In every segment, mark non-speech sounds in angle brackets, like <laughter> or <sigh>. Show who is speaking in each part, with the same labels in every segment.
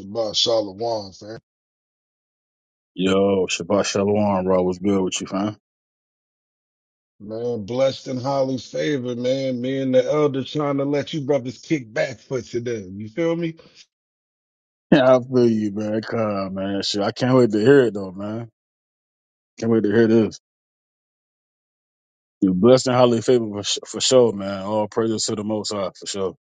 Speaker 1: Shabbat Shalom, fam.
Speaker 2: Yo, Shabbat Shalom, bro. What's good with you, fam? <laughs>
Speaker 1: Man, blessed and highly favored, man. Me and the elder trying to let you brothers kick back for today. You feel me?
Speaker 2: Yeah, I feel you, man. Come, man. Shit, I can't wait to hear it, though, man. Can't wait to hear this. You blessed and highly favored for, sh- for sure, man. All praises to the Most High, for sure.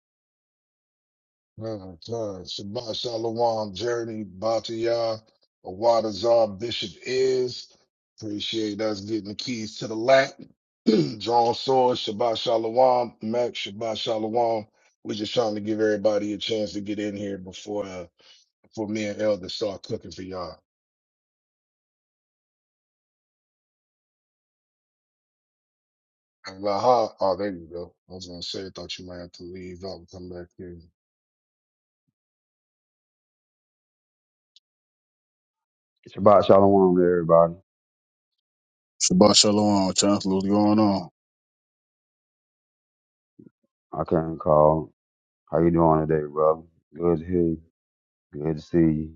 Speaker 1: Uh, uh, Shabbat Shalom, Journey, Bataya, Awada Zar, Bishop is. Appreciate us getting the keys to the lap. <clears throat> Drawn sword, Shabbat Shalom, Max, Shabbat Shalom. We're just trying to give everybody a chance to get in here before uh, before me and Elder start cooking for y'all. Laha, oh, there you go. I was gonna say, I thought you might have to leave out and come back in.
Speaker 3: It's Shabbat shalom to everybody.
Speaker 2: Shabbat Shalom, Chancellor. What's going on?
Speaker 3: I couldn't call. How you doing today, brother? Good to hear you. Good to see you.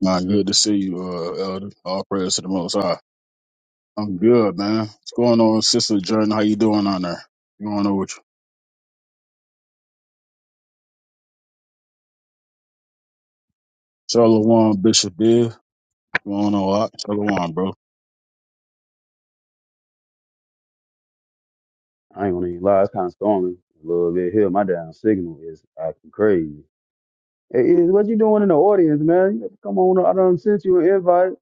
Speaker 2: Nah, good to see you, uh, Elder. All praises to the Most High. I'm good, man. What's going on, Sister Jordan? How you doing on there? What's going on with you? Shalom, Bishop Biv. What's going on, Lot? Shalom, bro.
Speaker 3: I ain't gonna even lie, it's kind of storming a little bit here. My damn signal is acting crazy. Hey, is what you doing in the audience, man? You Come on, I done sent you an invite.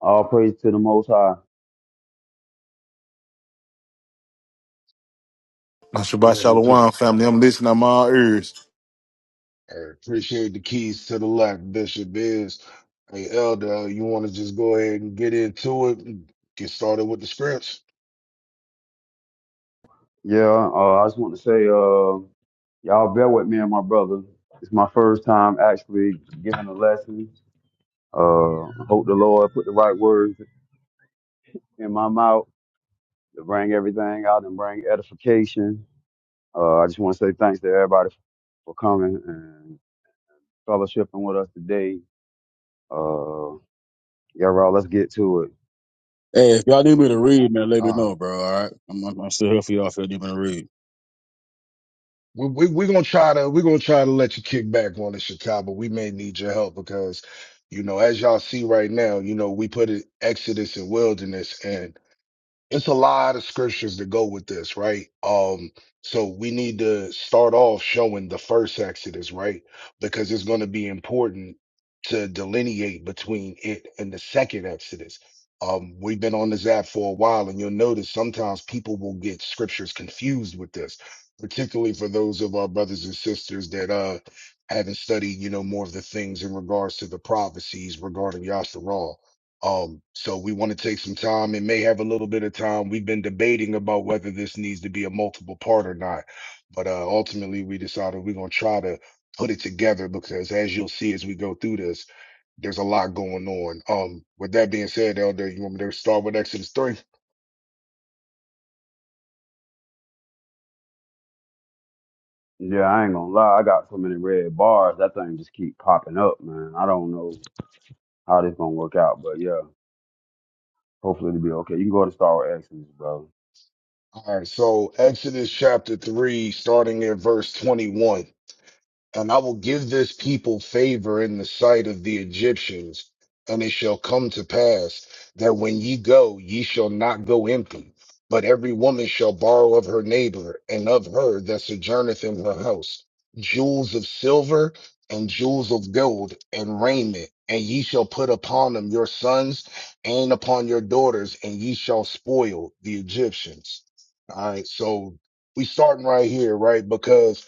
Speaker 3: All praise to the Most High.
Speaker 4: Now,
Speaker 1: You
Speaker 4: Shabbat
Speaker 1: ready to kick?
Speaker 4: Shalom, family. I'm listening. I'm all ears.
Speaker 1: I appreciate the keys to the lock, Bishop is. Hey, Elder, you want to just go ahead and get into it and get started with the scripts?
Speaker 3: Yeah, uh, I just want to say, uh, y'all bear with me and my brother. It's my first time actually giving a lesson. Uh, I hope the Lord put the right words in my mouth. to bring everything out and bring edification. Uh, I just want to say thanks to everybody for coming and fellowshipping with us today. Uh, yeah, bro, let's get to it.
Speaker 2: Hey, if y'all need me to read, man, let me
Speaker 1: Uh,
Speaker 2: know, bro. All right, I'm, I'm, I'm still here for y'all. If y'all need me to read,
Speaker 1: we, we, we're gonna try to, we're gonna try to let you kick back on the Chicago. We may need your help because, you know, as y'all see right now, you know, we put it Exodus and wilderness and. It's a lot of scriptures to go with this, right? Um, so we need to start off showing the first Exodus, right? Because it's going to be important to delineate between it and the second Exodus. Um, we've been on this app for a while, and you'll notice sometimes people will get scriptures confused with this, particularly for those of our brothers and sisters that uh haven't studied, you know, more of the things in regards to the prophecies regarding Yasharal. Um, so we want to take some time. It may have a little bit of time. We've been debating about whether this needs to be a multiple part or not, but uh, ultimately we decided we're going to try to put it together because as you'll see as we go through this, there's a lot going on. Um, with that being said, Elder, you want me to start with Exodus 3?
Speaker 3: Yeah, I ain't gonna lie, I got so many red bars. That thing just keep popping up, man. I don't know how this gonna work out, but yeah, hopefully it'll be okay. You can go to Star Wars Exodus, bro.
Speaker 1: All right, so Exodus chapter 3, starting at verse 21. And I will give this people favor in the sight of the Egyptians. And it shall come to pass that when ye go, ye shall not go empty, but every woman shall borrow of her neighbor and of her that sojourneth in her house jewels of silver and jewels of gold and raiment. And ye shall put upon them your sons and upon your daughters, and ye shall spoil the Egyptians. All right. So we starting right here, right? because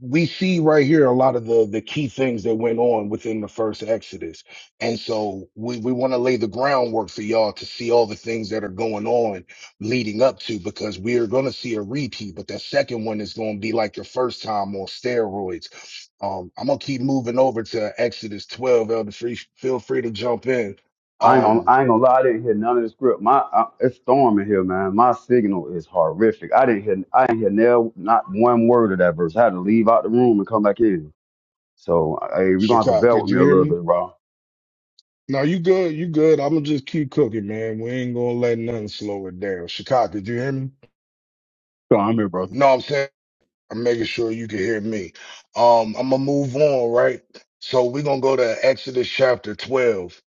Speaker 1: we see right here a lot of the the key things that went on within the first Exodus. And so we, we want to lay the groundwork for y'all to see all the things that are going on leading up to because we are going to see a repeat, but that second one is going to be like the first time on steroids. Um, I'm gonna keep moving over to Exodus 12. Elder Free, feel free to jump in.
Speaker 3: I ain't gonna,
Speaker 1: Um,
Speaker 3: I ain't gonna lie, I didn't hear none of the script. My, I, it's storming here, man. My signal is horrific. I didn't hear, I didn't hear nail, not one word of that verse. I had to leave out the room and come back in. So hey, you're gonna have to
Speaker 1: Chicago,
Speaker 3: bear
Speaker 1: could
Speaker 3: with
Speaker 1: you
Speaker 3: me a
Speaker 1: hear
Speaker 3: little
Speaker 1: me?
Speaker 3: bit, bro.
Speaker 1: No, you good, you good. I'm gonna just keep cooking, man. We ain't gonna let nothing slow it down. Chicago, could you hear me?
Speaker 2: so I'm here, brother.
Speaker 1: No, I'm saying. I'm making sure you can hear me. Um, I'm gonna move on, right? So we're gonna go to Exodus chapter 12.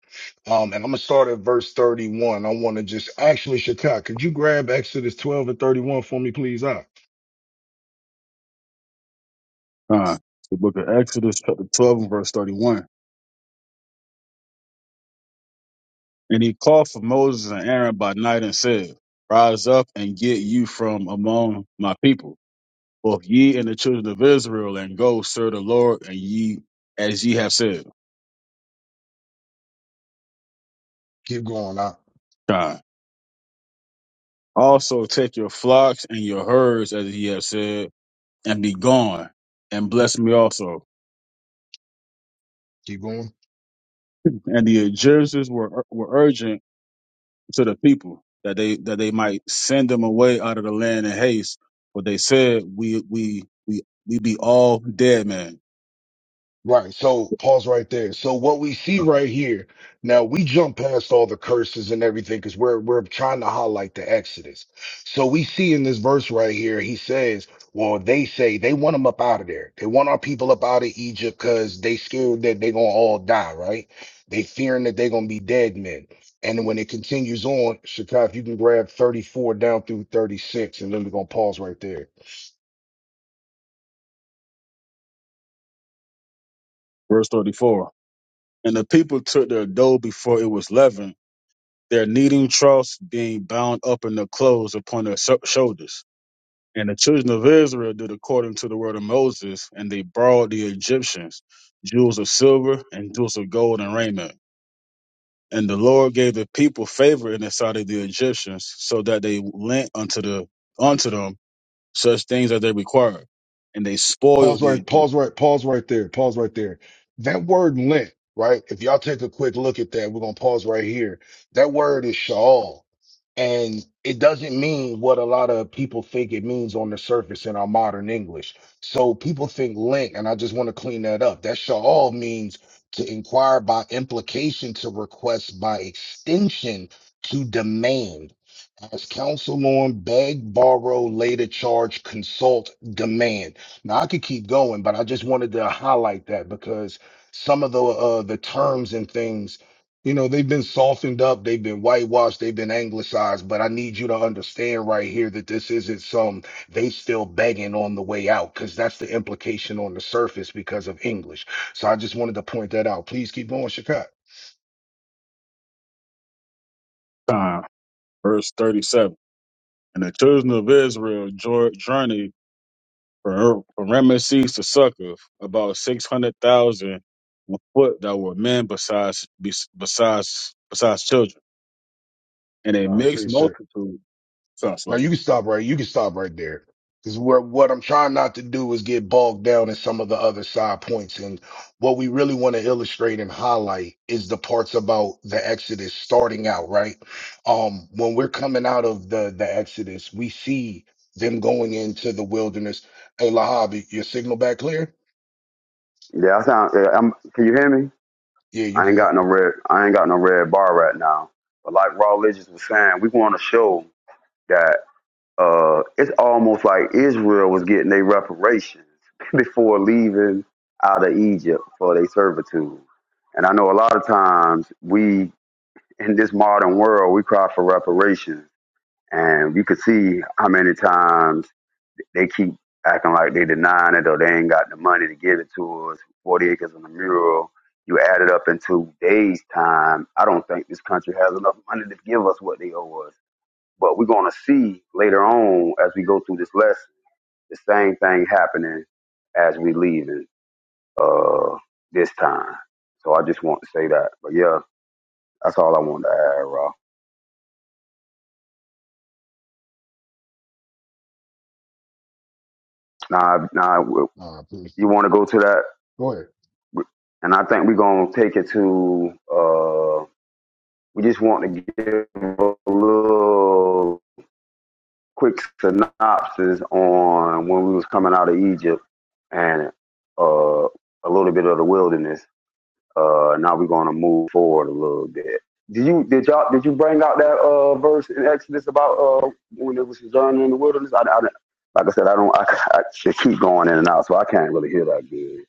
Speaker 1: Um, and I'm gonna start at verse 31. I wanna just actually, Shakai, could you grab Exodus 12 and 31 for me, please? I
Speaker 2: Uh, the book of Exodus, chapter 12, and verse 31. And he called for Moses and Aaron by night and said, Rise up and get you from among my people, both ye and the children of Israel, and go serve the Lord, and ye as ye have said.
Speaker 1: keep going, I
Speaker 2: God. Also take your flocks and your herds as ye have said, and be gone, and bless me also.
Speaker 1: keep going.
Speaker 2: And the Egyptians were were urgent to the people that they that they might send them away out of the land in haste. But they said, "We we we we be all dead men."
Speaker 1: Right. So pause right there. So what we see right here now, we jump past all the curses and everything because we're we're trying to highlight the Exodus. So we see in this verse right here, he says, "Well, they say they want them up out of there. They want our people up out of Egypt because they scared that they're gonna all die. Right? They fearing that they're gonna be dead men." And when it continues on, Shakai, if you can grab 34 down through 36, and then we're gonna pause right there.
Speaker 2: Verse thirty four. And the people took their dough before it was leavened, their kneading troughs being bound up in their clothes upon their sho- shoulders. And the children of Israel did according to the word of Moses, and they borrowed the Egyptians jewels of silver and jewels of gold and raiment. And the Lord gave the people favor in the sight of the Egyptians, so that they lent unto the unto them such things as they required, and they
Speaker 1: Pause
Speaker 2: spoiled the
Speaker 1: right,
Speaker 2: Egyptian
Speaker 1: pause right, pause right there, pause right there. That word lent, right? If y'all take a quick look at that, we're gonna pause right here. That word is shawl. And it doesn't mean what a lot of people think it means on the surface in our modern English. So people think lent, and I just want to clean that up. That shawl means to inquire by implication, to request by extension, to demand. As counsel on, beg, borrow, later charge, consult, demand. Now I could keep going, but I just wanted to highlight that because some of the uh, the terms and things, you know, they've been softened up, they've been whitewashed, they've been anglicized. But I need you to understand right here that this isn't some they still begging on the way out because that's the implication on the surface because of English. So I just wanted to point that out. Please keep going, Shakat.
Speaker 2: time. Verse thirty-seven. And the children of Israel jour- journeyed from from Ramesses to Succoth, about six hundred thousand on foot that were men besides bes- besides besides children, and a
Speaker 1: I
Speaker 2: mixed
Speaker 1: appreciate it.
Speaker 2: multitude. Sounds
Speaker 1: Now
Speaker 2: like
Speaker 1: you can stop right. You can stop right there. Because where what I'm trying not to do is get bogged down in some of the other side points. And what we really want to illustrate and highlight is the parts about the Exodus starting out, right? Um, when we're coming out of the the Exodus, we see them going into the wilderness. Hey, Lahabi, your signal back clear?
Speaker 3: Yeah, I sound. Yeah, I'm, can you hear me?
Speaker 1: Yeah, you
Speaker 3: I ain't
Speaker 1: good.
Speaker 3: got no red. I ain't got no red bar right now. But like Raw Legends was saying, we want to show that uh, it's almost like Israel was getting their reparations <laughs> before leaving out of Egypt for their servitude. And I know a lot of times we in this modern world we cry for reparations, and you could see how many times They keep acting like they denying it or they ain't got the money to give it to us. 40 acres on the mural. You add it up in two days' time. I don't think this country has enough money to give us what they owe us. But we're going to see later on as we go through this lesson, the same thing happening as we leaving uh, this time. So I just want to say that. But yeah, that's all I wanted to add, Raw. Now, now
Speaker 1: All right, please.
Speaker 3: you want to go to that
Speaker 1: Go ahead.
Speaker 3: and I think we're gonna take it to. uh, We just want to give a little quick synopsis on when we was coming out of Egypt and uh, a little bit of the wilderness. Uh, now we're going to move forward a little bit. Did you did y'all did you bring out that uh, verse in Exodus about uh, when it was sojourning in the wilderness? I, I, like I said, I don't <laughs> I, I should keep going in and out, so I can't really hear that good.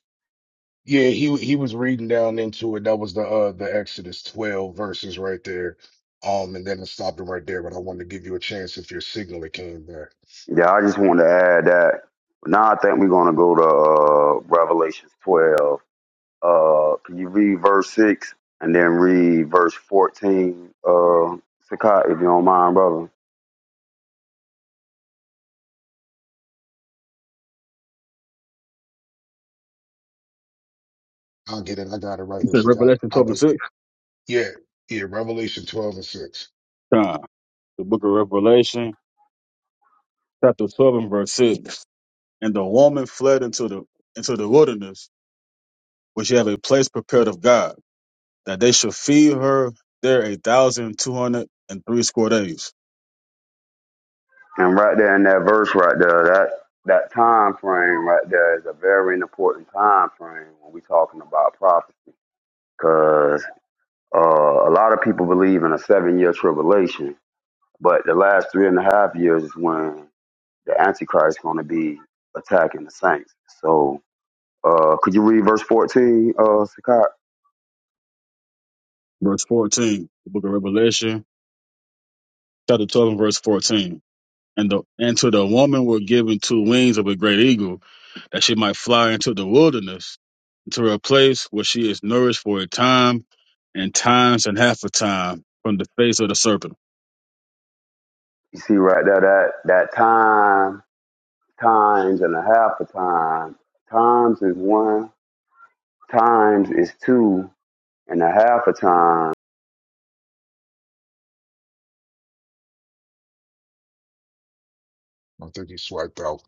Speaker 1: Yeah, he he was reading down into it. That was the uh the Exodus 12 verses right there. Um, and then I stopped him right there, but I wanted to give you a chance if your signal it came back.
Speaker 3: Yeah, I just wanted to add that. Now I think we're going to go to uh, Revelations 12 Uh, can you read verse six and then read verse fourteen? Uh, Sakai, if you don't mind, brother.
Speaker 1: I'll get it. I got it right
Speaker 2: you
Speaker 1: here,
Speaker 2: said
Speaker 1: Shatai.
Speaker 2: Revelation
Speaker 1: I'll
Speaker 2: twelve and
Speaker 1: get
Speaker 2: six.
Speaker 1: Yeah, yeah, Revelation 12 and 6.
Speaker 2: Time. The book of Revelation, chapter twelve and verse six. And the woman fled into the into the wilderness, which have a place prepared of God, that they should feed her there a thousand two hundred and three score days.
Speaker 3: And right there in that verse, right there, that that time frame right there is a very important time frame when we're talking about prophecy, because uh, a lot of people believe in a seven-year tribulation, but the last three and a half years is when the Antichrist is going to be attacking the saints. So, uh, could you read verse fourteen, uh, Sakai?
Speaker 2: Verse fourteen, the book of Revelation, chapter twelve and verse fourteen. And the and to the woman were given two wings of a great eagle, that she might fly into the wilderness, into a place where she is nourished for a time and times and half a time from the face of the serpent.
Speaker 3: You see right there that that time, times and a half a time. Times is one, times is two, and a half a time.
Speaker 1: I think he swiped out.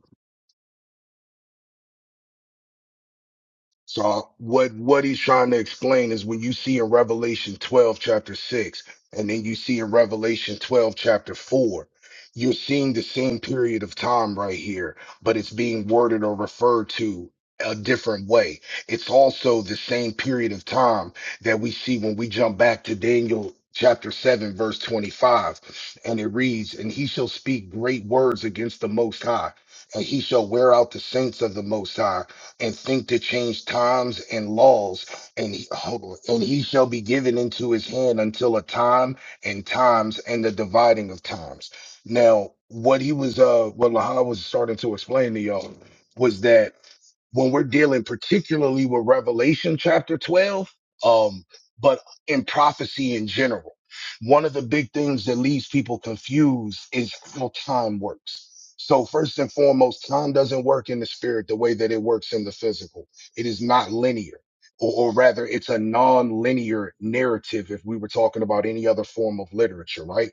Speaker 1: So what what he's trying to explain is when you see in Revelation 12 chapter 6 and then you see in Revelation 12 chapter 4 you're seeing the same period of time right here but it's being worded or referred to a different way. It's also the same period of time that we see when we jump back to Daniel chapter 7 verse 25 and it reads and he shall speak great words against the most high and he shall wear out the saints of the most high and think to change times and laws. And he, hold on, and he shall be given into his hand until a time and times and the dividing of times. Now, what he was, uh, what Lahab was starting to explain to y'all was that when we're dealing particularly with Revelation chapter 12, um, but in prophecy in general. One of the big things that leaves people confused is how time works. So first and foremost, time doesn't work in the spirit the way that it works in the physical. It is not linear. Or, or rather, it's a non-linear narrative if we were talking about any other form of literature, right?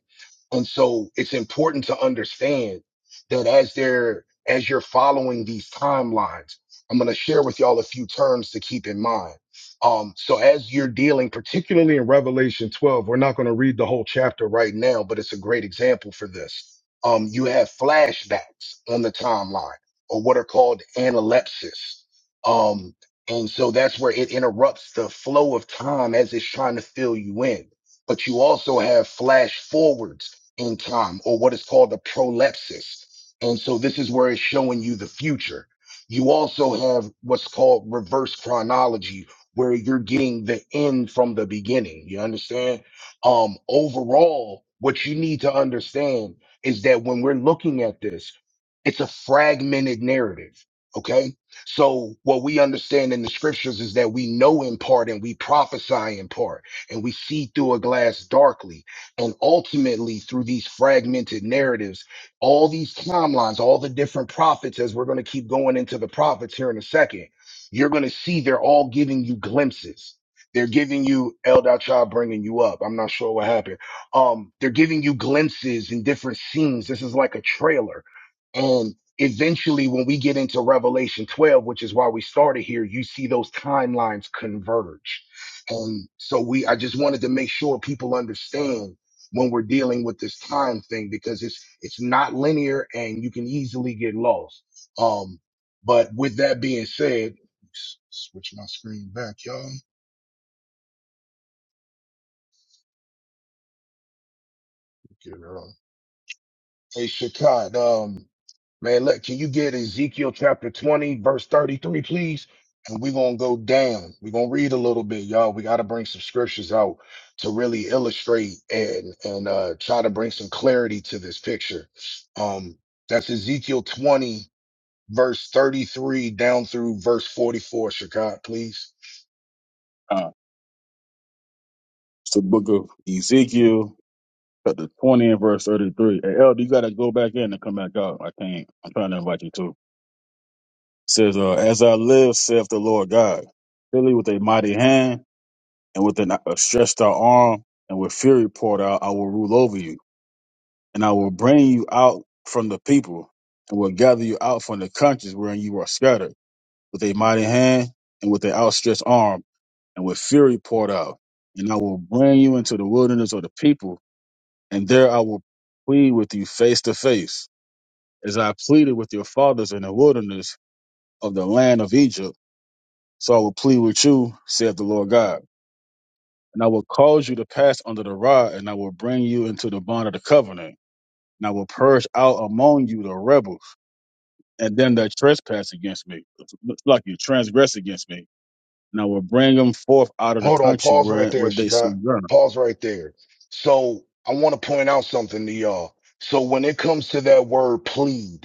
Speaker 1: And so it's important to understand that as they're as you're following these timelines. I'm going to share with y'all a few terms to keep in mind. Um, so, as you're dealing, particularly in Revelation 12, we're not going to read the whole chapter right now, but it's a great example for this. Um, you have flashbacks on the timeline, or what are called analepsis. Um, and so that's where it interrupts the flow of time as it's trying to fill you in. But you also have flash forwards in time, or what is called a prolepsis. And so this is where it's showing you the future you also have what's called reverse chronology, where you're getting the end from the beginning. You understand? Um, overall, what you need to understand is that when we're looking at this, it's a fragmented narrative. Okay. So what we understand in the scriptures is that we know in part and we prophesy in part and we see through a glass darkly. And ultimately through these fragmented narratives, all these timelines, all the different prophets, as we're going to keep going into the prophets here in a second, you're going to see they're all giving you glimpses. They're giving you Eldar Child bringing you up. I'm not sure what happened. Um, they're giving you glimpses in different scenes. This is like a trailer. And eventually, when we get into Revelation 12, which is why we started here, you see those timelines converge. And so we, I just wanted to make sure people understand when we're dealing with this time thing because it's it's not linear and you can easily get lost. Um, but with that being said, s- switch my screen back, y'all. Get it on. Hey, Shakat, um, man, look, can you get Ezekiel chapter 20, verse 33, please? And we're gonna go down. We're gonna read a little bit, y'all. We gotta bring some scriptures out to really illustrate and and uh try to bring some clarity to this picture. Um, that's Ezekiel 20 verse 33 down through verse 44, Shakat, please.
Speaker 2: Uh, it's the book of Ezekiel, Chapter 20 and verse 33. Hey, Elder, you got to go back in and come back out. I can't. I'm trying to invite you to. Says, uh, As I live, saith the Lord God, surely with a mighty hand and with an, a stretched out arm and with fury poured out, I will rule over you. And I will bring you out from the people and will gather you out from the countries wherein you are scattered with a mighty hand and with an outstretched arm and with fury poured out. And I will bring you into the wilderness of the people, and there I will plead with you face to face as I pleaded with your fathers in the wilderness of the land of Egypt, so I will plead with you, saith the Lord God. And I will cause you to pass under the rod, and I will bring you into the bond of the covenant. And I will purge out among you the rebels, and them that trespass against me, like you transgress against me. And I will bring them forth out of the
Speaker 1: Hold on,
Speaker 2: country
Speaker 1: pause right
Speaker 2: where,
Speaker 1: there,
Speaker 2: where they
Speaker 1: Shakat.
Speaker 2: sojourn.
Speaker 1: Pause right there. So I want to point out something to y'all. So when it comes to that word plead,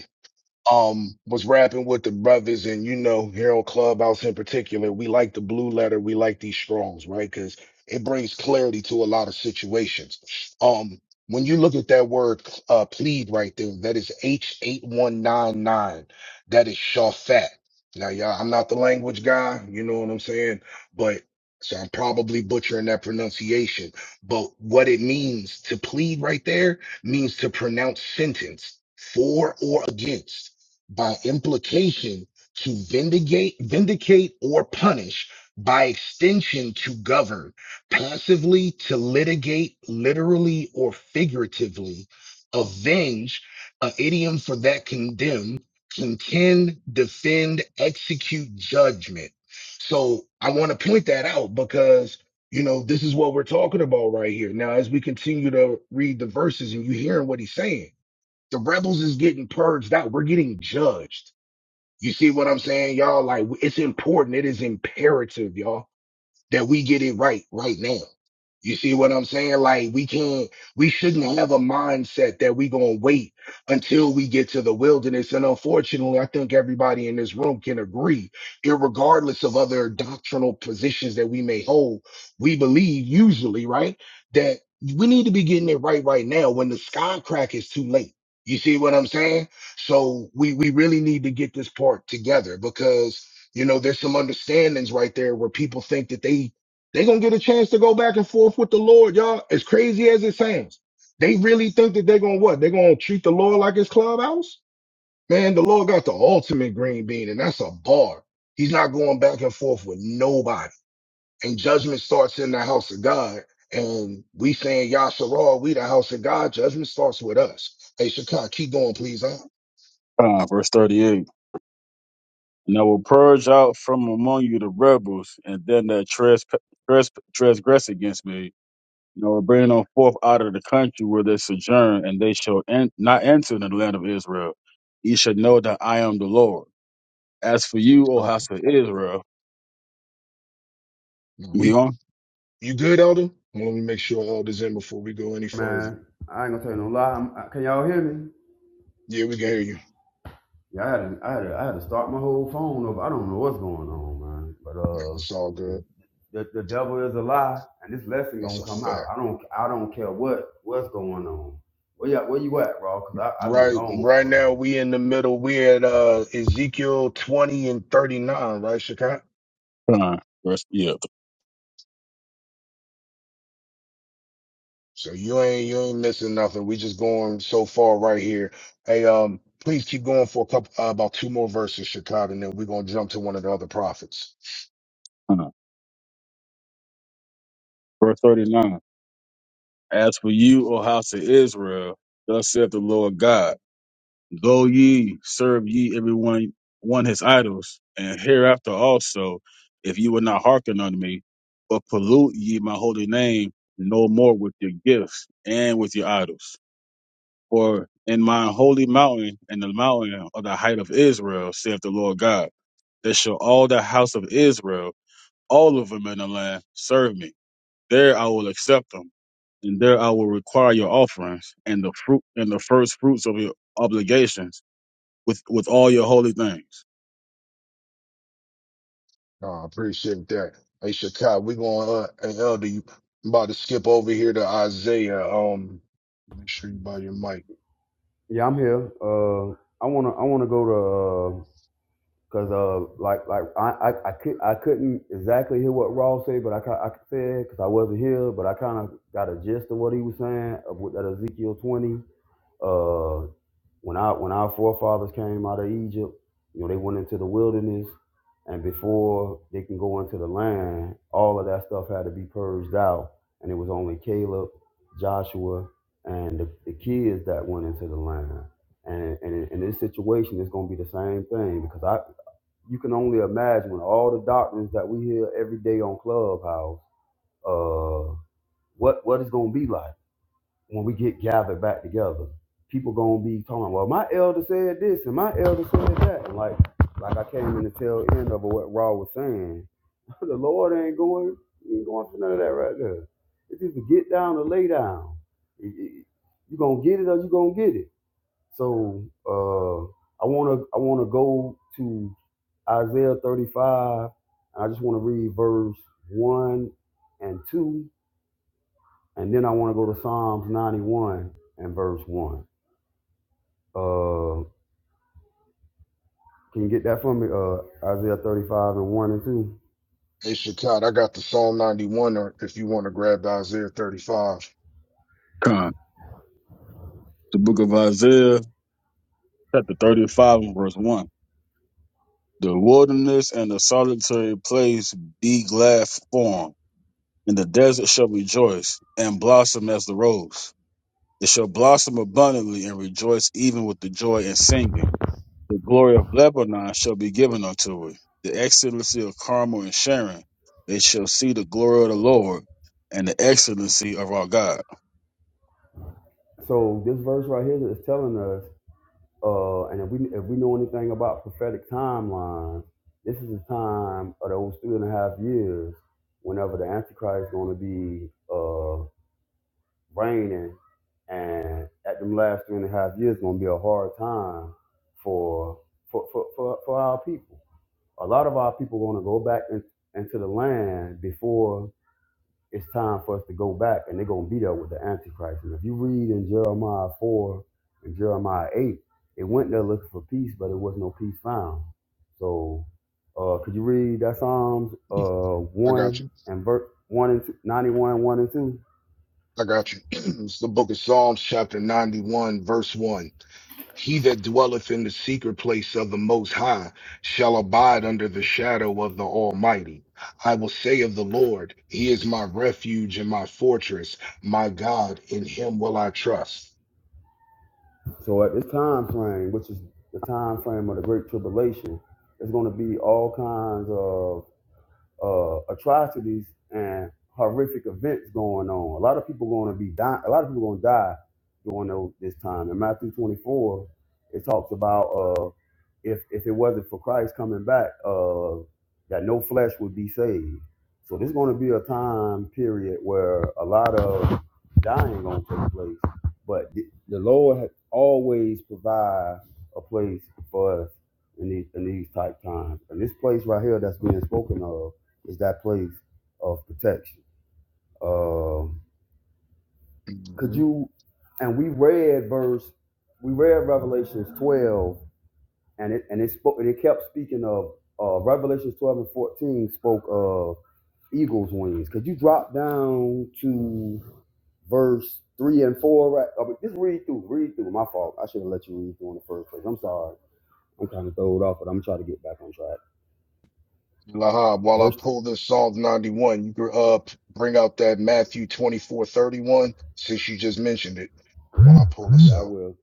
Speaker 1: um was rapping with the brothers and you know here on clubhouse in particular we like the blue letter we like these strongs right because it brings clarity to a lot of situations um when you look at that word uh plead right there that is h8199 that is shafat now y'all i'm not the language guy you know what i'm saying but so i'm probably butchering that pronunciation but what it means to plead right there means to pronounce sentence for or against by implication to vindicate, vindicate or punish, by extension to govern, passively to litigate, literally or figuratively, avenge, an idiom for that condemn, contend, defend, execute judgment. So I want to point that out because you know this is what we're talking about right here. Now, as we continue to read the verses and you hearing what he's saying. The rebels is getting purged out. We're getting judged. You see what I'm saying, y'all? Like it's important. It is imperative, y'all that we get it right right now. You see what I'm saying? Like we can't, we shouldn't have a mindset that we gonna wait until we get to the wilderness. And unfortunately, I think everybody in this room can agree, irregardless of other doctrinal positions that we may hold, we believe usually, right, that we need to be getting it right right now when the sky crack is too late. You see what I'm saying? So we we really need to get this part together because. You know, there's some understandings right there where people think that they they gonna get a chance to go back and forth with the Lord, y'all. As crazy as it sounds, they really think that they're gonna what? They're gonna treat the Lord like his clubhouse? Man, the Lord got the ultimate green bean, and that's a bar. He's not going back and forth with nobody. And judgment starts in the house of God. And we saying Yasharal, we the house of God. Judgment starts with us. Hey, Shakai, keep going, please. Huh?
Speaker 2: Uh, verse 38. And I will purge out from among you the rebels, and them that trespass, trespass, transgress against me You know, we're bringing them forth out of the country where they sojourn, and they shall en- not enter into the land of Israel. Ye should know that I am the Lord. As for you, O
Speaker 1: Uh-huh.
Speaker 2: house of Israel,
Speaker 1: We
Speaker 2: you on
Speaker 1: you good, Elder? Let me make sure Elder's in before we go any further.
Speaker 3: Man, I ain't gonna tell you no lie. I'm, I- can y'all hear me?
Speaker 1: Yeah, we can hear you.
Speaker 3: Yeah, I had, to, I had to, I had to start my whole phone over. I don't know what's going on, man. But
Speaker 1: Yeah,
Speaker 3: uh,
Speaker 1: that's all
Speaker 3: the,
Speaker 1: good.
Speaker 3: the the devil is a lie, and this lesson
Speaker 1: That's
Speaker 3: gonna
Speaker 1: a
Speaker 3: come out.
Speaker 1: fact.
Speaker 3: I don't, I don't care what what's going on. Where you, at- where you at, bro? Cause I, I've been
Speaker 1: Right,
Speaker 3: gone
Speaker 1: right
Speaker 3: for a minute.
Speaker 1: now we in the middle. We at uh Ezekiel twenty and thirty nine, right, Shakat?
Speaker 2: time. Verse yeah,
Speaker 1: So you ain't you ain't missing nothing. We just going so far right here. Hey, um, please keep going for a couple uh, about two more verses, Shakat, and then we're gonna jump to one of the other prophets.
Speaker 2: time. verse thirty nine. As for you, O house of Israel, thus saith the Lord God: Though ye serve ye every one his idols, and hereafter also, if ye will not hearken unto me, but pollute ye my holy name no more with your gifts and with your idols. For in my holy mountain and the mountain of the height of Israel, saith the Lord God, that shall all the house of Israel, all of them in the land, serve me. There I will accept them, and there I will require your offerings and the fruit and the first fruits of your obligations with, with all your holy things.
Speaker 1: Uh, I appreciate that. Hey, Shakai, we're going, uh, hey, Elder, you I'm about to skip over here to Isaiah. Um, make sure you buy your mic.
Speaker 3: Yeah, I'm here. Uh, I wanna I wanna go to uh, cause uh, like like I I I, could, I couldn't exactly hear what Raw said, but I ca- I said because I wasn't here, but I kind of got a gist of what he was saying of what that Ezekiel twenty. Uh, when our when our forefathers came out of Egypt, you know, they went into the wilderness, and before they can go into the land, all of that stuff had to be purged out, and it was only Caleb, Joshua, and the, the kids that went into the land. And, and in, in this situation, it's going to be the same thing because I you can only imagine when all the doctrines that we hear every day on Clubhouse, uh, what what it's going to be like when we get gathered back together, people gonna be talking, well, my elder said this and my elder said that. And like like I came in the tail end of what Raw was saying. <laughs> the Lord ain't going ain't going for none of that right there. It's either get down or lay down. It- it- You gonna get it or you gonna get it. So uh I wanna I wanna go to Isaiah 35 and I just wanna read verse one and two and then I want to go to Psalms 91 and verse 1. Uh, can you get that for me? Uh, Isaiah 35 and 1 and 2.
Speaker 1: Hey, Shakat, I got the Psalm 91, or if you want to grab the Isaiah 35.
Speaker 2: Con. The book of Isaiah, chapter 35, and verse 1. The wilderness and the solitary place be glad for 'em, and the desert shall rejoice and blossom as the rose. It shall blossom abundantly and rejoice even with the joy and singing. The glory of Lebanon shall be given unto it, the excellency of Carmel and Sharon. They shall see the glory of the Lord and the excellency of our God.
Speaker 3: So this verse right here is telling us, uh, and if we if we know anything about prophetic timelines, this is the time of those three and a half years, whenever the Antichrist is going to be uh, reigning, and at them last three and a half years, going to be a hard time for for for for, for our people. a lot of our people want to go back in, into the land before it's time for us to go back, and they're going to be there with the Antichrist. And if you read in Jeremiah 4 and Jeremiah 8, it went there looking for peace, but it was no peace found. So, uh, could you read that Psalms uh,
Speaker 1: I got
Speaker 3: 1
Speaker 1: you.
Speaker 3: and verse 1 and two, 91, 1 and 2?
Speaker 1: I got you. <clears throat> It's the book of Psalms, chapter 91, verse 1. He that dwelleth in the secret place of the Most High shall abide under the shadow of the Almighty. I will say of the Lord, He is my refuge and my fortress, my God, in Him will I trust.
Speaker 3: So, at this time frame, which is the time frame of the Great Tribulation, there's going to be all kinds of uh, atrocities and horrific events going on. A lot of people going to be dying. A lot of people going to die during those, this time. In Matthew 24, it talks about uh, if if it wasn't for Christ coming back, uh, that no flesh would be saved. So there's going to be a time period where a lot of dying going to take place. But the, the Lord has always provide a place for us in these in these type times. And this place right here that's being spoken of is that place of protection. Um, could you? And we read verse, we read Revelations twelve, and it and it spoke and it kept speaking of uh, Revelations twelve and fourteen spoke of eagle's wings. Could you drop down to verse three and four? Right, uh, but just read through, read through. My fault. I should have let you read through in the first place. I'm sorry. I'm kind of throwed off, but I'm trying to get back on track.
Speaker 1: Lahab, while I
Speaker 3: Verse,
Speaker 1: pull this Psalm 91, you can uh, p- bring out that Matthew 24:31 since you just mentioned it, while I pull this
Speaker 3: yeah, I
Speaker 1: out.
Speaker 3: will.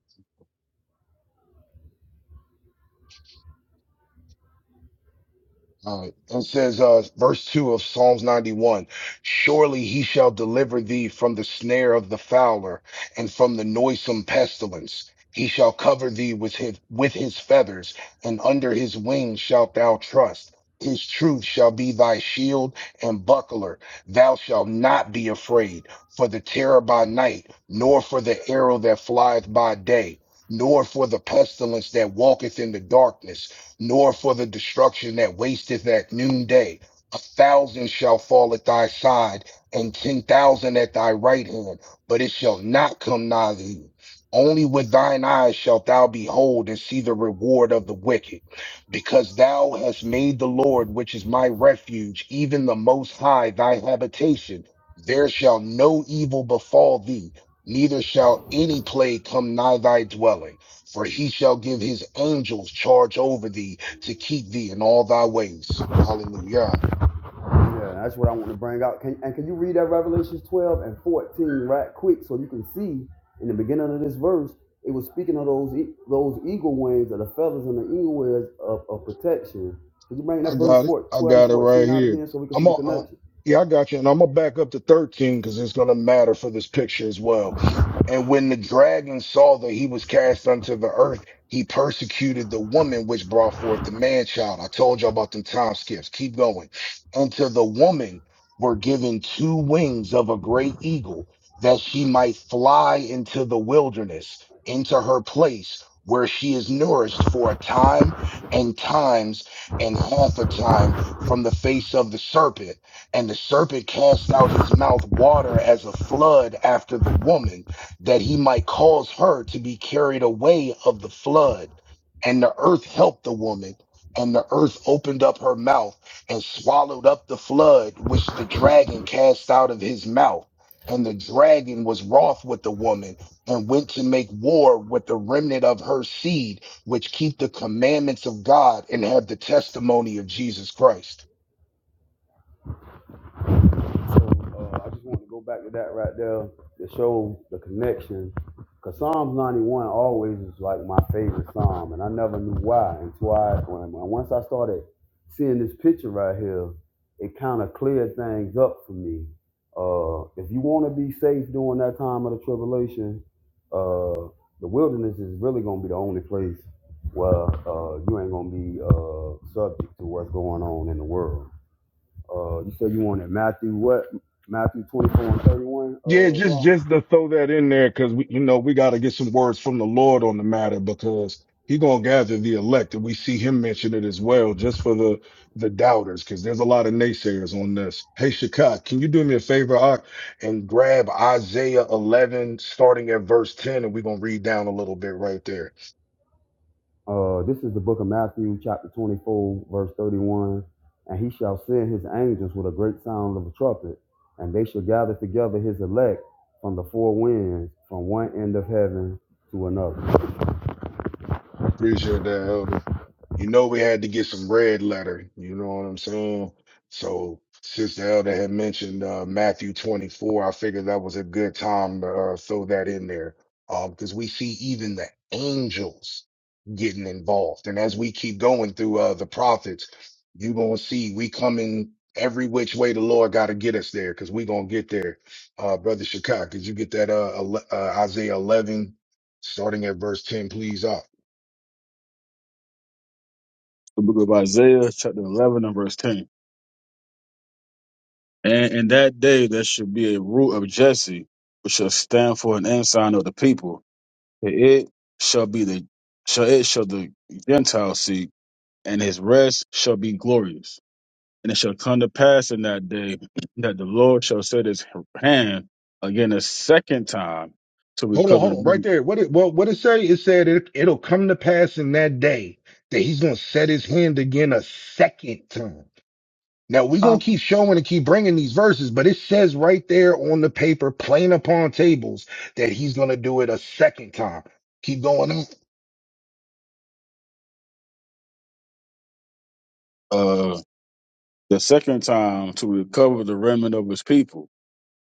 Speaker 1: All right. It says, uh, verse 2 of Psalms 91 Surely he shall deliver thee from the snare of the fowler and from the noisome pestilence. He shall cover thee with his, with his feathers, and under his wings shalt thou trust. His truth shall be thy shield and buckler. Thou shalt not be afraid for the terror by night, nor for the arrow that flieth by day, nor for the pestilence that walketh in the darkness nor for the destruction that wasteth at noonday. A thousand shall fall at thy side, and ten thousand at thy right hand, but it shall not come nigh thee. Only with thine eyes shalt thou behold and see the reward of the wicked, because thou hast made the Lord, which is my refuge, even the Most High, thy habitation. There shall no evil befall thee, neither shall any plague come nigh thy dwelling. For he shall give his angels charge over thee to keep thee in all thy ways. Hallelujah.
Speaker 3: Yeah, that's what I want to bring out. Can, and can you read that Revelations 12 and 14 right quick so you can see in the beginning of this verse, it was speaking of those e- those eagle wings or the feathers and the eagle wings of, of protection. Can you bring
Speaker 1: I
Speaker 3: that verse
Speaker 1: got it.
Speaker 3: 4
Speaker 1: I
Speaker 3: 12
Speaker 1: got it right
Speaker 3: and 14 out
Speaker 1: here.
Speaker 3: again so we can
Speaker 1: I'm
Speaker 3: see the
Speaker 1: on. Uh,
Speaker 3: connection?
Speaker 1: yeah, I got you, and I'm gonna back up to 13 because it's gonna matter for this picture as well. And when the dragon saw that he was cast unto the earth, he persecuted the woman which brought forth the man child. I told you all about them time skips. Keep going. Unto the woman were given two wings of a great eagle that she might fly into the wilderness, into her place where she is nourished for a time and times and half a time from the face of the serpent. And the serpent cast out his mouth water as a flood after the woman, that he might cause her to be carried away of the flood. And the earth helped the woman, and the earth opened up her mouth and swallowed up the flood which the dragon cast out of his mouth. And the dragon was wroth with the woman and went to make war with the remnant of her seed which keep the commandments of God and have the testimony of Jesus Christ.
Speaker 3: So uh, I just want to go back to that right there to show the connection. Cause Psalms 91 always is like my favorite psalm, and I never knew why until I when, when once I started seeing this picture right here, it kind of cleared things up for me. Uh, if you want to be safe during that time of the tribulation, uh, the wilderness is really gonna be the only place where uh, you ain't gonna be uh, subject to what's going on in the world. Uh, you said you wanted Matthew what? Matthew 24 and 31, uh,
Speaker 1: Yeah, just
Speaker 3: Raw.
Speaker 1: just to throw that in there because we, you know, we got to get some words from the Lord on the matter because He gonna gather the elect, and we see Him mention it as well, just for the the doubters, because there's a lot of naysayers on this. Hey, Shakat, can you do me a favor I, and grab Isaiah 11, starting at verse 10, and we're gonna read down a little bit right there.
Speaker 3: Uh, this is the book of Matthew, chapter 24, verse 31. And he shall send his angels with a great sound of a trumpet, and they shall gather together his elect from the four winds, from one end of heaven to another.
Speaker 1: Appreciate that, Elder. You know, we had to get some red letter. You know what I'm saying? So, Sister Elder had mentioned uh, Matthew 24. I figured that was a good time to uh, throw that in there because we see even the angels getting involved. And as we keep going through uh, the prophets, you're going to see we coming every which way the Lord got to get us there because we're going to get there. Uh, Brother Shakak, could you get that uh, ele- uh, Isaiah 11, starting at verse 10, please? uh?
Speaker 2: The book of Isaiah, chapter 11, and verse 10. And in that day there shall be a root of Jesse, which shall stand for an ensign of the people. To It shall be the shall it shall the Gentiles seek, and his rest shall be glorious. And it shall come to pass in that day <clears throat> that the Lord shall set his hand again a second time to
Speaker 1: Hold on,
Speaker 2: recover the
Speaker 1: hold on, right
Speaker 2: remnant,
Speaker 1: there. What it well, what it say? It said it, it'll come to pass in that day that he's gonna set his hand again a second time. Now we're gonna keep showing and keep bringing these verses, but it says right there on the paper, plain upon tables, that he's gonna do it a second time. Keep going on.
Speaker 2: uh, the second time to recover the remnant of his people,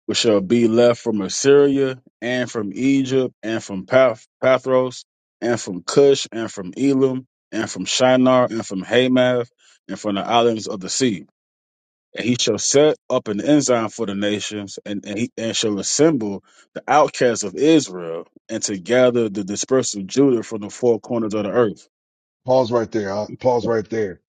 Speaker 2: which shall be left from Assyria and from Egypt and from Path- Pathros and from Cush and from Elam and from Shinar and from Hamath and from the islands of the sea and he shall set up an ensign for the nations, and, and he and shall assemble the outcasts of Israel, and to gather the dispersed of Judah from the four corners of the earth.
Speaker 1: Pause right there. uh, Pause right there.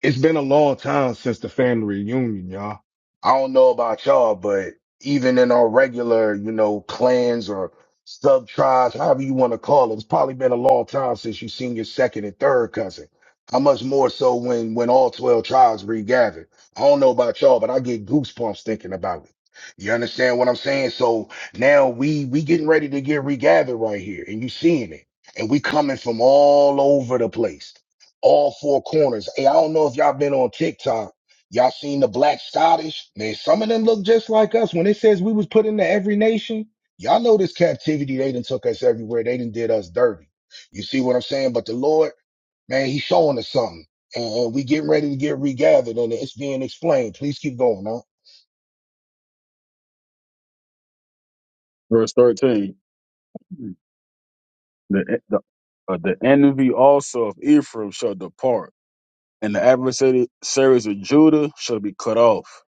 Speaker 1: It's been a long time since the family reunion, y'all. I don't know about y'all, but even in our regular, you know, clans or sub tribes, however you want to call it, it's probably been a long time since you've seen your second and third cousin. How much more so when when all 12 tribes regather? I don't know about y'all, but I get goosebumps thinking about it. You understand what I'm saying? So now we we getting ready to get regathered right here, and you seeing it. And we coming from all over the place all four corners. Hey, I don't know if y'all been on TikTok. Y'all seen the black Scottish? Man, some of them look just like us. When it says we was put into every nation, y'all know this captivity. They done took us everywhere. They done did us dirty. You see what I'm saying? But the Lord, man, he's showing us something. And, and we getting ready to get regathered and it's being explained. Please keep going, huh?
Speaker 2: Verse thirteen: the the, uh, the envy also of Ephraim shall depart, and the adversaries of Judah shall be cut off.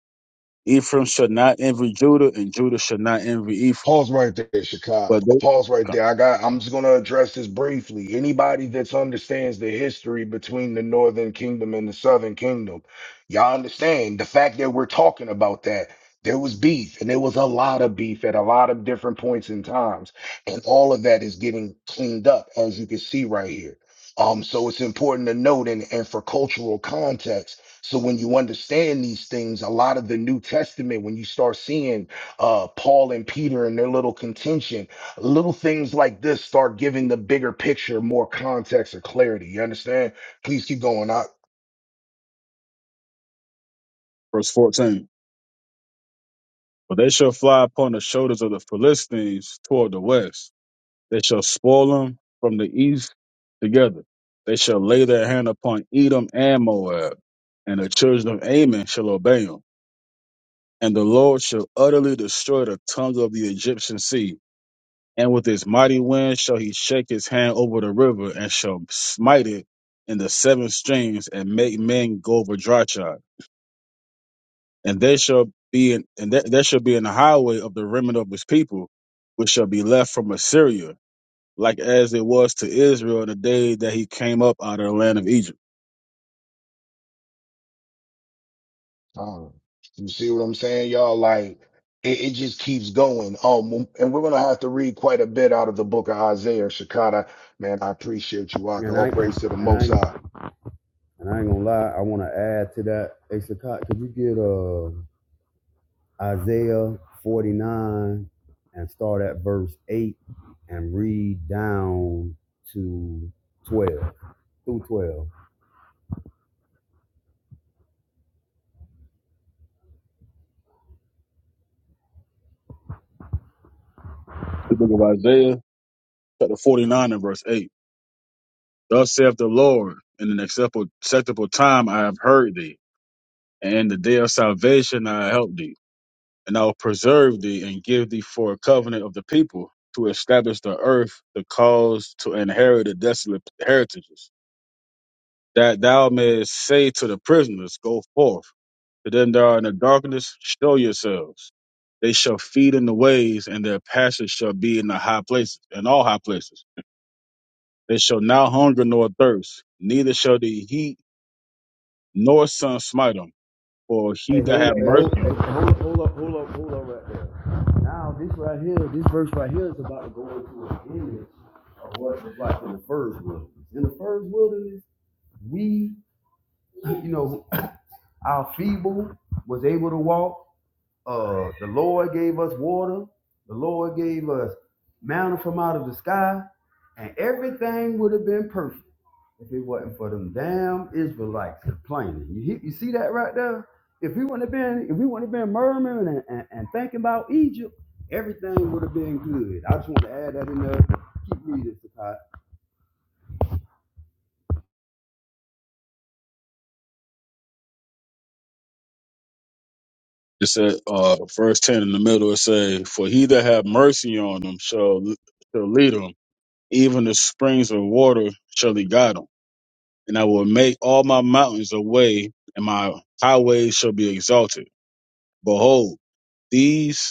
Speaker 2: Ephraim shall not envy Judah, and Judah shall not envy Ephraim.
Speaker 1: Pause right there, Chicago.
Speaker 2: But they,
Speaker 1: Pause right there. I got. I'm just gonna address this briefly. Anybody that understands the history between the Northern Kingdom and the Southern Kingdom, y'all understand the fact that we're talking about that. There was beef, and there was a lot of beef at a lot of different points in times, and all of that is getting cleaned up, as you can see right here. Um, so it's important to note, and, and for cultural context. So when you understand these things, a lot of the New Testament, when you start seeing uh, Paul and Peter and their little contention. Little things like this start giving the bigger picture more context or clarity. You understand? Please keep going. I,
Speaker 2: verse fourteen: but they shall fly upon the shoulders of the Philistines toward the west They shall spoil them from the east together. They shall lay their hand upon Edom and Moab, and the children of Ammon shall obey them. And the Lord shall utterly destroy the tongues of the Egyptian sea. And with his mighty wind shall he shake his hand over the river, and shall smite it in the seven streams, and make men go over dry shod. And there shall be an, and there there shall be in the highway of the remnant of his people, which shall be left from Assyria, like as it was to Israel the day that he came up out of the land of Egypt.
Speaker 1: um, you see what I'm saying, y'all? Like it, it just keeps going. Um, and we're gonna have to read quite a bit out of the book of Isaiah. Shakata, man, I appreciate you, Waka.
Speaker 3: And
Speaker 1: All
Speaker 3: I
Speaker 1: praise to the
Speaker 3: and I
Speaker 1: Most High.
Speaker 3: and I ain't gonna lie, I want to add to that, Asakat. Could you get uh Isaiah 49 and start at verse 8 and read down to 12 through 12.
Speaker 2: The book of Isaiah, chapter 49 and verse 8. Thus saith the Lord, in an acceptable, acceptable time I have heard thee, and in the day of salvation I help thee, and I will preserve thee and give thee for a covenant of the people to establish the earth, the cause to inherit the desolate heritages, that thou mayest say to the prisoners, Go forth to them that are in the darkness, show yourselves. They shall feed in the ways, and their passage shall be in the high places, in all high places. They shall now hunger nor thirst, neither shall the heat nor sun smite them. For
Speaker 3: Hey,
Speaker 2: he that have
Speaker 3: hold, hey, hold,
Speaker 2: mercy
Speaker 3: hey,
Speaker 2: on
Speaker 3: hold, up, hold up, hold up, hold up right there. Now, this right here, this verse right here is about to go into an image of what it was like in the first wilderness. In the first wilderness, we, you know, our feeble was able to walk, Uh, the Lord gave us water. The Lord gave us manna from out of the sky, and everything would have been perfect if it wasn't for them damn Israelites complaining. You you see that right there? If we wouldn't have been, if we wouldn't have been murmuring and, and, and thinking about Egypt, everything would have been good. I just want to add that in there. Keep reading, Sakai.
Speaker 2: it said, uh, verse ten in the middle. It say, "For he that have mercy on them shall shall lead them; even the springs of water shall he guide them. And I will make all my mountains a way, and my highways shall be exalted. Behold, these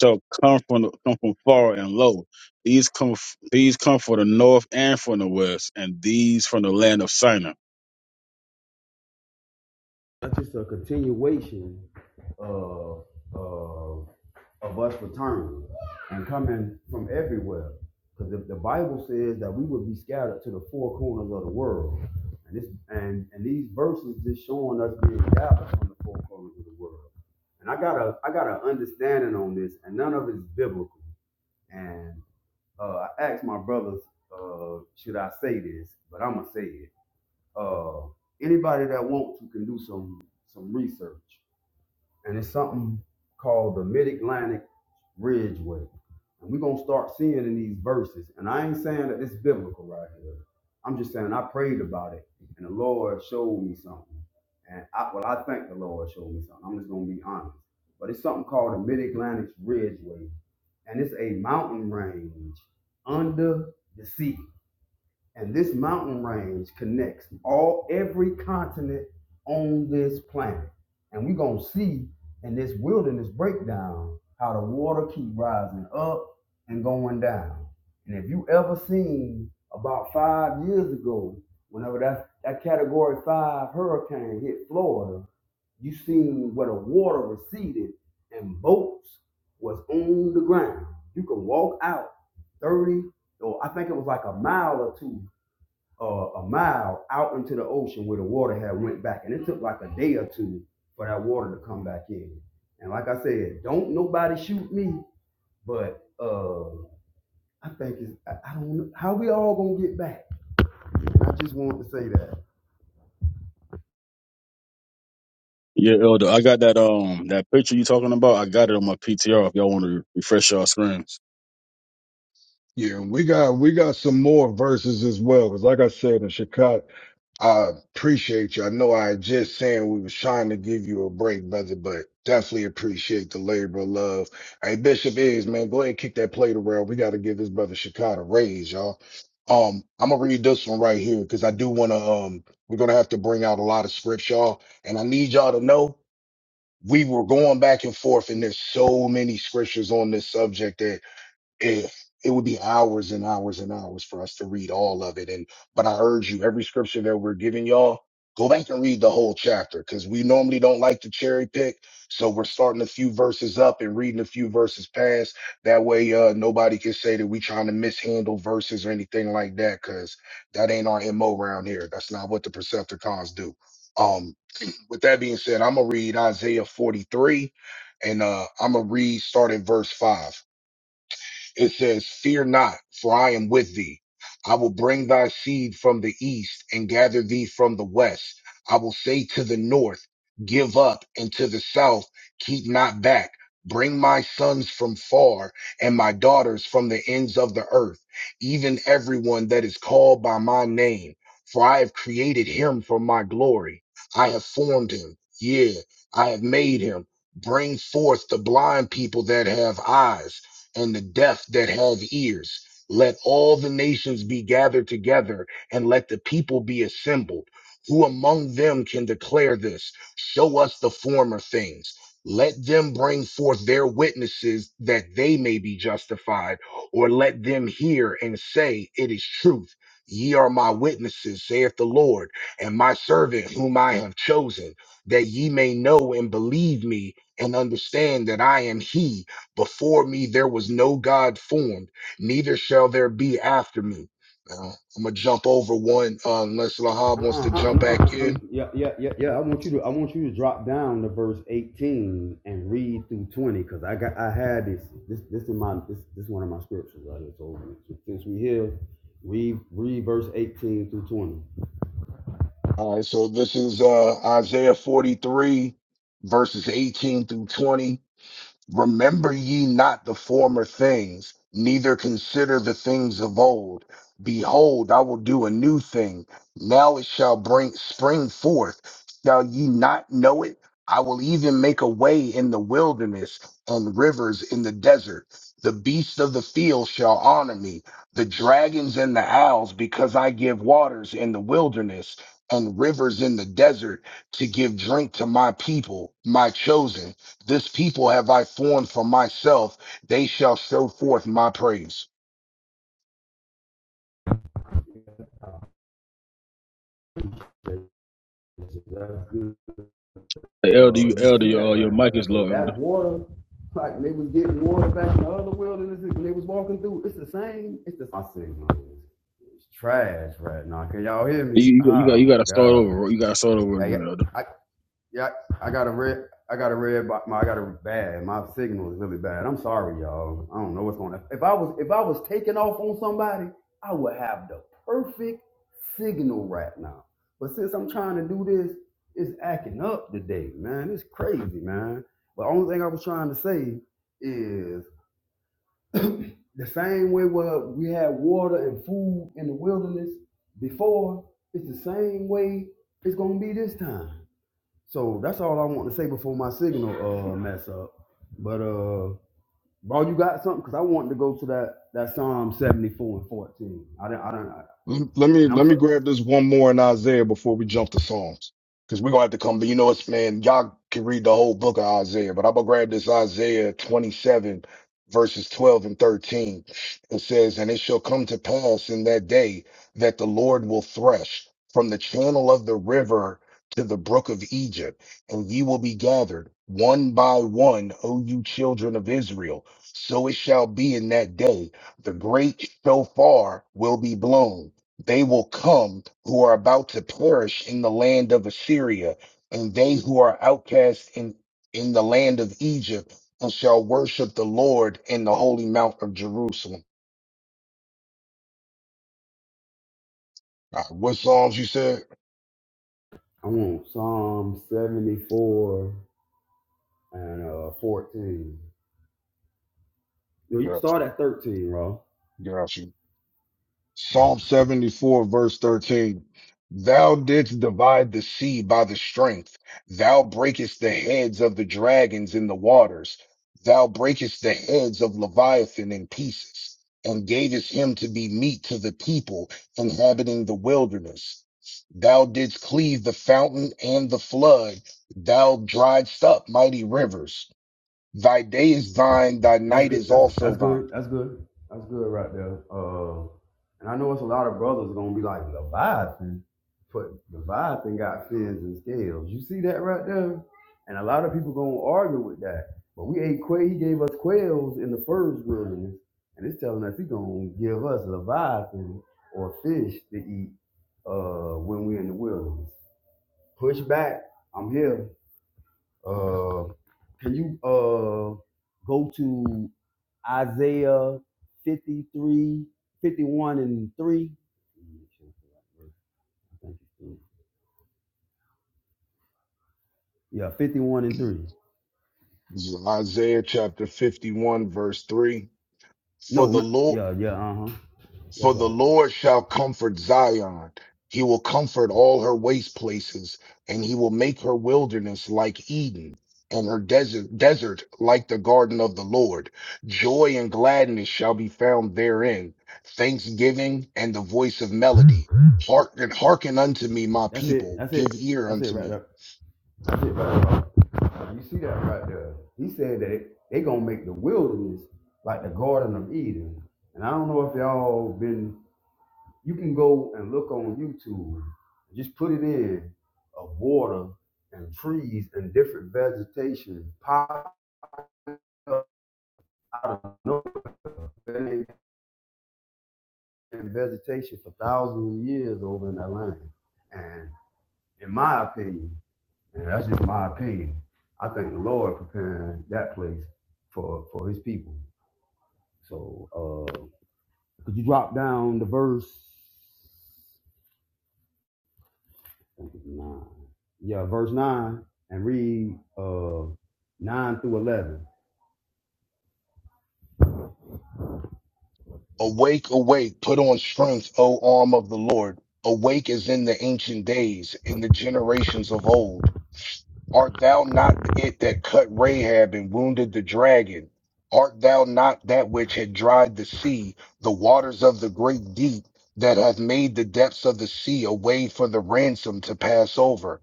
Speaker 2: So come from the, come from far and low. These come f- these come from the north and from the west, and these from the land of Sinai.
Speaker 3: That's just a continuation of, of, of us returning and coming from everywhere. Because the, the Bible says that we would be scattered to the four corners of the world. And this and, and these verses just showing us being scattered from the four corners of the world. And I got a I got an understanding on this, and none of it's biblical. And uh, I asked my brothers, uh, should I say this? But I'm gonna say it. Uh, anybody that wants to can do some some research, and it's something called the Mid Atlantic Ridgeway, and we're gonna start seeing in these verses. And I ain't saying that it's biblical right here. I'm just saying I prayed about it, and the Lord showed me something. And I, well, I think the Lord showed me something. I'm just gonna be honest. But it's something called the Mid Atlantic Ridgeway, and it's a mountain range under the sea. And this mountain range connects all every continent on this planet. And we're gonna see in this wilderness breakdown how the water keep rising up and going down. And if you ever seen about five years ago, whenever that, that category five hurricane hit Florida, you seen where the water receded and boats was on the ground. You can walk out 30, or I think it was like a mile or two uh, a mile out into the ocean where the water had went back, and it took like a day or two for that water to come back in. And like I said, don't nobody shoot me, but uh, I think it's I, I don't know how we all gonna get back. I just wanted to say that.
Speaker 2: Yeah, elder, I got that um that picture you talking about. I got it on my PTR. If y'all want to refresh y'all screens,
Speaker 1: Yeah, and we got we got some more verses as well. Cause like I said in Chicago, I appreciate you. I know I had just saying we was trying to give you a break, brother, but definitely appreciate the labor of love. Hey, Bishop is man, go ahead and kick that plate around. We got to give this brother Chicago a raise, y'all. Um, I'm gonna read this one right here because I do want to. Um, we're gonna have to bring out a lot of scripts, y'all, and I need y'all to know we were going back and forth, and there's so many scriptures on this subject if it would be hours and hours and hours for us to read all of it. And but I urge you, every scripture that we're giving y'all, go back and read the whole chapter because we normally don't like to cherry pick. So we're starting a few verses up and reading a few verses past. That way, uh, nobody can say that we trying to mishandle verses or anything like that because that ain't our mo around here. That's not what the Percepticons do. Um, with that being said, I'm gonna read Isaiah 43 and uh, I'm gonna read starting verse five. It says, Fear not, for I am with thee. I will bring thy seed from the east and gather thee from the west. I will say to the north, Give up, and to the south, Keep not back. Bring my sons from far and my daughters from the ends of the earth, even everyone that is called by my name. For I have created him for my glory. I have formed him. yea, I have made him. Bring forth the blind people that have eyes and the deaf that have ears. Let all the nations be gathered together, and let the people be assembled. Who among them can declare this? Show us the former things. Let them bring forth their witnesses that they may be justified, or let them hear and say, It is truth. Ye are my witnesses, saith the Lord, and my servant whom I have chosen, that ye may know and believe me and understand that I am he before me there was no God formed, neither shall there be after me. Now, I'm gonna jump over one uh, unless Lahab wants
Speaker 3: Uh-uh,
Speaker 1: to jump
Speaker 3: uh-uh,
Speaker 1: back
Speaker 3: uh-uh, uh
Speaker 1: in.
Speaker 3: yeah, yeah, yeah, yeah. I want you to I want you to drop down to verse eighteen and read through twenty, cause I got I had this this this in my this this one of my scriptures right here. So since we here, read read verse eighteen through twenty.
Speaker 1: All right, so this is uh, Isaiah 43, verses 18 through 20. Remember ye not the former things, neither consider the things of old. Behold, I will do a new thing. Now it shall bring spring forth. Shall ye not know it? I will even make a way in the wilderness and rivers in the desert. The beasts of the field shall honor me, the dragons and the owls, because I give waters in the wilderness and rivers in the desert to give drink to my people, my chosen. This people have I formed for myself, they shall show forth my praise.
Speaker 3: Oh, That's good.
Speaker 2: hey, elder,
Speaker 3: Uh,
Speaker 2: you
Speaker 3: you
Speaker 2: elder,
Speaker 3: see
Speaker 2: your
Speaker 3: that
Speaker 2: uh, your
Speaker 3: right
Speaker 2: mic
Speaker 3: there.
Speaker 2: is
Speaker 3: So
Speaker 2: low, elder.
Speaker 3: that water, like they was getting water back in the other world, and this- they was walking through, it's the same. It's the. I say, it's trash right now. Can y'all hear me?
Speaker 2: You you, you got you
Speaker 3: Oh
Speaker 2: got to
Speaker 3: my
Speaker 2: start
Speaker 3: god.
Speaker 2: over. You got to start over
Speaker 3: Hey,
Speaker 2: again, elder.
Speaker 3: I, Yeah, I got a red. I got a red. My, I got a bad. My signal is really bad. I'm sorry, y'all. I don't know what's going on. If I was, if I was taking off on somebody, I would have the perfect signal right now. But since I'm trying to do this, it's acting up today, man. It's crazy, man. But only thing I was trying to say is <clears throat> the same way where we had water and food in the wilderness before. It's the same way it's gonna be this time. So that's all I want to say before my signal uh mess up. But uh, bro, you got something? Cause I wanted to go to that that Psalm seventy four and fourteen. I don't I don't I,
Speaker 1: Let let me
Speaker 3: and
Speaker 1: let
Speaker 3: I'm
Speaker 1: me
Speaker 3: so
Speaker 1: grab this one more in Isaiah before we jump to Psalms. Because we're gonna have to come, but you know it's man, y'all can read the whole book of Isaiah, but I'm gonna grab this Isaiah 27, verses 12 and 13. It says, And it shall come to pass in that day that the Lord will thresh from the channel of the river to the brook of Egypt, and ye will be gathered one by one, O you children of Israel. So it shall be in that day the great shofar will be blown, they will come who are about to perish in the land of Assyria, and they who are outcast in, in the land of Egypt, and shall worship the Lord in the holy mount of Jerusalem. All right, what Psalms you said?
Speaker 3: I want Psalm seventy four and uh fourteen. You know, you
Speaker 1: You're up.
Speaker 3: start at thirteen, bro.
Speaker 1: You're up. Psalm 74, verse 13. Thou didst divide the sea by the strength. Thou breakest the heads of the dragons in the waters. Thou breakest the heads of Leviathan in pieces, and gavest him to be meat to the people inhabiting the wilderness. Thou didst cleave the fountain and the flood. Thou driedst up mighty rivers. Thy day is thine, thy
Speaker 3: That's
Speaker 1: night
Speaker 3: good.
Speaker 1: is
Speaker 3: That's
Speaker 1: also
Speaker 3: that's
Speaker 1: thine.
Speaker 3: good. That's good. That's good right there. Uh, and I know it's a lot of brothers gonna be like Leviathan, but Leviathan got fins and scales. You see that right there? And a lot of people gonna argue with that. But we ate quail. He gave us quails in the first wilderness, and it's telling us he gonna give us Leviathan or fish to eat uh, when we're in the wilderness. Push back. I'm here. Uh, can you uh go to Isaiah 53 51 and 3? Yeah, 51 and 3.
Speaker 1: Isaiah chapter 51, verse 3. For
Speaker 3: No,
Speaker 1: the
Speaker 3: no
Speaker 1: Lord,
Speaker 3: yeah, yeah, uh-huh. That's
Speaker 1: for the
Speaker 3: right.
Speaker 1: Lord shall comfort Zion. He will comfort all her waste places, and he will make her wilderness like Eden, and her desert desert like the garden of the Lord. Joy and gladness shall be found therein, thanksgiving and the voice of melody. Hearken, hearken unto me, my
Speaker 3: That's it.
Speaker 1: people.
Speaker 3: That's it.
Speaker 1: Give ear
Speaker 3: That's it
Speaker 1: unto
Speaker 3: right
Speaker 1: me.
Speaker 3: there. That's it right there. You see that right there? He said that it, they gonna make the wilderness like the Garden of Eden. And I don't know if y'all been You can go and look on YouTube, just put it in of water and trees and different vegetation pop up out of nowhere and vegetation for thousands of years over in that land. And in my opinion, and that's just my opinion, I think the Lord preparing that place for for His people. So, uh, could you drop down the verse? I think it's nine. Yeah, verse nine and read uh nine through eleven.
Speaker 1: Awake, awake, put on strength, O arm of the Lord. Awake as in the ancient days, in the generations of old. Art thou not it that cut Rahab and wounded the dragon? Art thou not that which had dried the sea, the waters of the great deep, that hath made the depths of the sea a way for the ransom to pass over?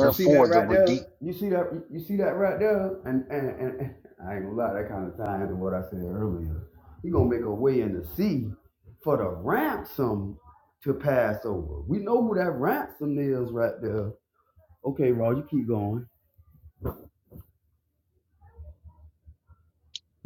Speaker 3: You see that
Speaker 1: the
Speaker 3: right
Speaker 1: redeemed.
Speaker 3: there? You see that you see that right there? And and, and, and I ain't gonna lie, that kind of ties into what I said earlier. He gonna make a way in the sea for the ransom to pass over. We know who that ransom is right there. Okay, Raw, you keep going.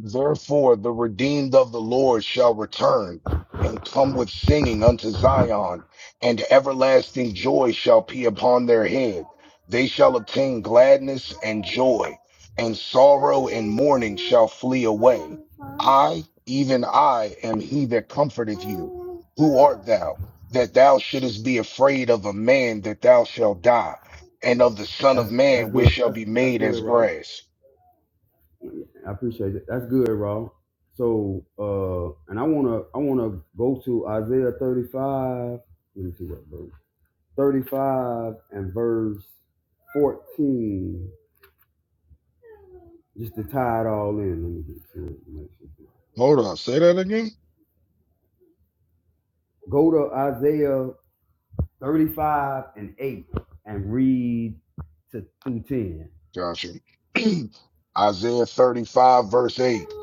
Speaker 1: Therefore, the redeemed of the Lord shall return and come with singing unto Zion, and everlasting joy shall be upon their head. They shall obtain gladness and joy, and sorrow and mourning shall flee away. I, even I, am he that comforteth you. Who art thou, that thou shouldest be afraid of a man that thou shalt die, and of the Son of
Speaker 3: That's that's
Speaker 1: Man which
Speaker 3: good.
Speaker 1: shall
Speaker 3: That's
Speaker 1: be
Speaker 3: that's
Speaker 1: made
Speaker 3: good,
Speaker 1: as
Speaker 3: Raw.
Speaker 1: grass?
Speaker 3: I appreciate it. That's good, Raw. So, uh, and I wanna, I wanna go to Isaiah thirty-five. Let me see what verse. Thirty-five and verse fourteen, just to tie it all in. Let me get to it. Make sure it's
Speaker 1: Hold
Speaker 3: right.
Speaker 1: on, say that again.
Speaker 3: Go to Isaiah thirty-five and eight, and read to through ten.
Speaker 1: Joshua. <clears throat> Isaiah 35, verse 8.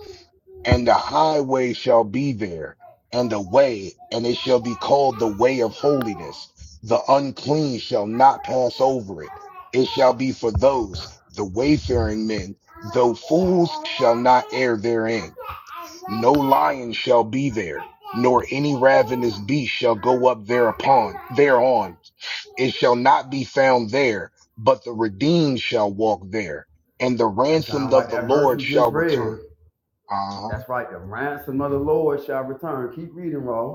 Speaker 1: And the highway shall be there, and the way, and it shall be called the way of holiness. The unclean shall not pass over it. It shall be for those, the wayfaring men, though fools shall not err therein. No lion shall be there, nor any ravenous beast shall go up thereupon, thereon. It shall not be found there, but the redeemed shall walk there, and the
Speaker 3: That
Speaker 1: ransomed
Speaker 3: sound
Speaker 1: of
Speaker 3: like
Speaker 1: the
Speaker 3: that verse
Speaker 1: Lord
Speaker 3: we just
Speaker 1: shall
Speaker 3: read.
Speaker 1: return. Uh-huh.
Speaker 3: That's right. The ransom of the Lord shall return. Keep reading, Raw.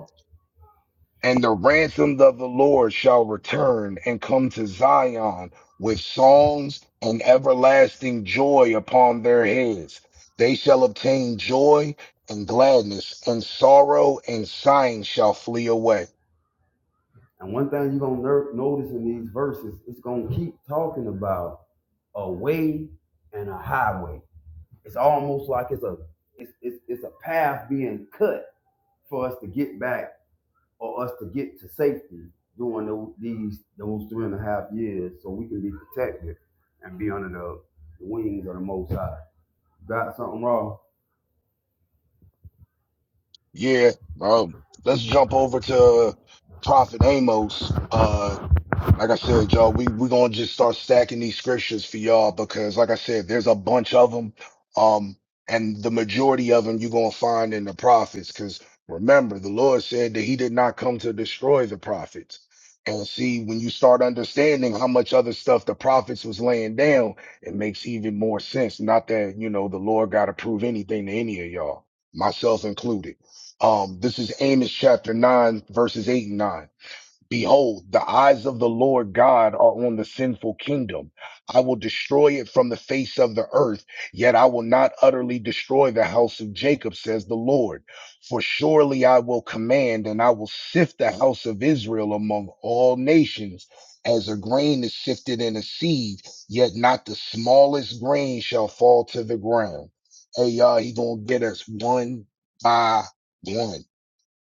Speaker 1: And the ransomed of the Lord shall return and come to Zion with songs and everlasting joy upon their heads. They shall obtain joy and gladness, and sorrow and sighing shall flee away.
Speaker 3: And one thing you're gonna notice in these verses, it's gonna keep talking about a way and a highway. It's almost like it's a it's, it's it's a path being cut for us to get back or us to get to safety during those these those three and a half years, so we can be protected and be under the, the wings of the Most High. Got something wrong?
Speaker 1: Yeah, bro. Let's jump over to Prophet Amos, uh, like I said, y'all, we we gonna just start stacking these scriptures for y'all because, like I said, there's a bunch of them, um, and the majority of them you gonna find in the prophets. Because remember, the Lord said that He did not come to destroy the prophets. And see, when you start understanding how much other stuff the prophets was laying down, it makes even more sense. Not that you know the Lord got to prove anything to any of y'all, myself included. Um, this is Amos chapter nine, verses eight and nine. Behold, the eyes of the Lord God are on the sinful kingdom. I will destroy it from the face of the earth, yet I will not utterly destroy the house of Jacob, says the Lord. For surely I will command, and I will sift the house of Israel among all nations, as a grain is sifted in a seed, yet not the smallest grain shall fall to the ground. Hey, y'all, he gonna get us one by one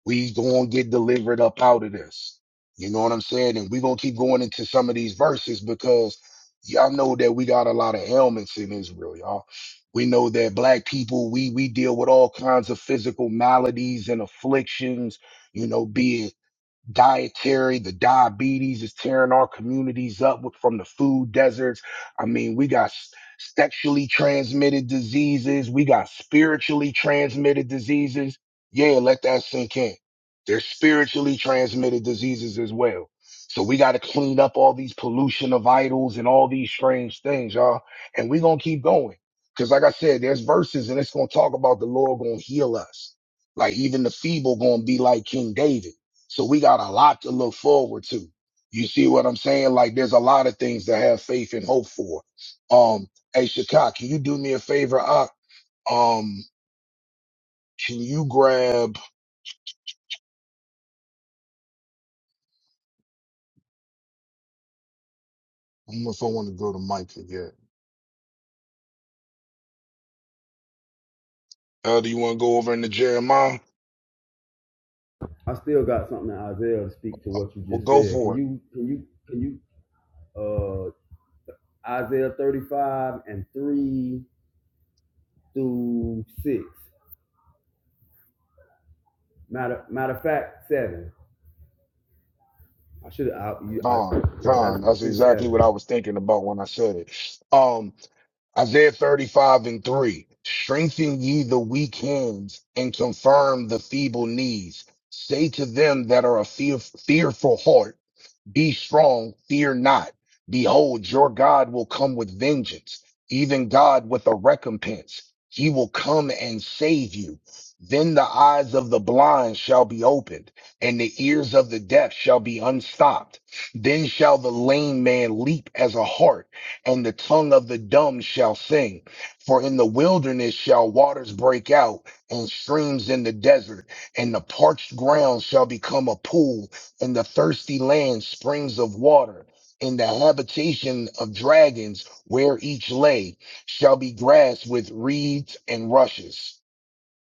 Speaker 1: we gonna get delivered up out of this. You know what I'm saying? And we gonna keep going into some of these verses because y'all know that we got a lot of ailments in Israel, y'all. We know that black people, we we deal with all kinds of physical maladies and afflictions, you know, be it dietary, the diabetes is tearing our communities up with, from the food deserts. I mean, we got s- sexually transmitted diseases, we got spiritually transmitted diseases. Yeah, let that sink in. There's spiritually transmitted diseases as well. So we got to clean up all these pollution of idols and all these strange things, y'all. And we're going to keep going. Cause like I said, there's verses and it's going to talk about the Lord going to heal us. Like even the feeble going to be like King David. So we got a lot to look forward to. You see what I'm saying? Like there's a lot of things to have faith and hope for. Um, hey Shaka, can you do me a favor? I, um, can you grab? I don't know if I want to go to Mike again. Uh, do you want to go over into Jeremiah?
Speaker 3: I still got something in Isaiah to speak to what you
Speaker 1: Well,
Speaker 3: just
Speaker 1: go
Speaker 3: said. Can
Speaker 1: for it.
Speaker 3: you can you can you uh, Isaiah 35 and 3 through 6. Matter, matter of fact, 7. I should have, I,
Speaker 1: Don,
Speaker 3: yeah, that's
Speaker 1: Don. That's
Speaker 3: through
Speaker 1: exactly
Speaker 3: 7.
Speaker 1: what I was thinking about when I said it. Um, Isaiah 35 and 3. Strengthen ye the weak hands and confirm the feeble knees. Say to them that are a fear, fearful heart. Be strong, fear not. Behold, your God will come with vengeance, even God with a recompense. He will come and save you. Then the eyes of the blind shall be opened, and the ears of the deaf shall be unstopped. Then shall the lame man leap as a hart, and the tongue of the dumb shall sing. For in the wilderness shall waters break out, and streams in the desert, and the parched ground shall become a pool, in the thirsty land, springs of water. In the habitation of dragons, where each lay, shall be grass with reeds and rushes.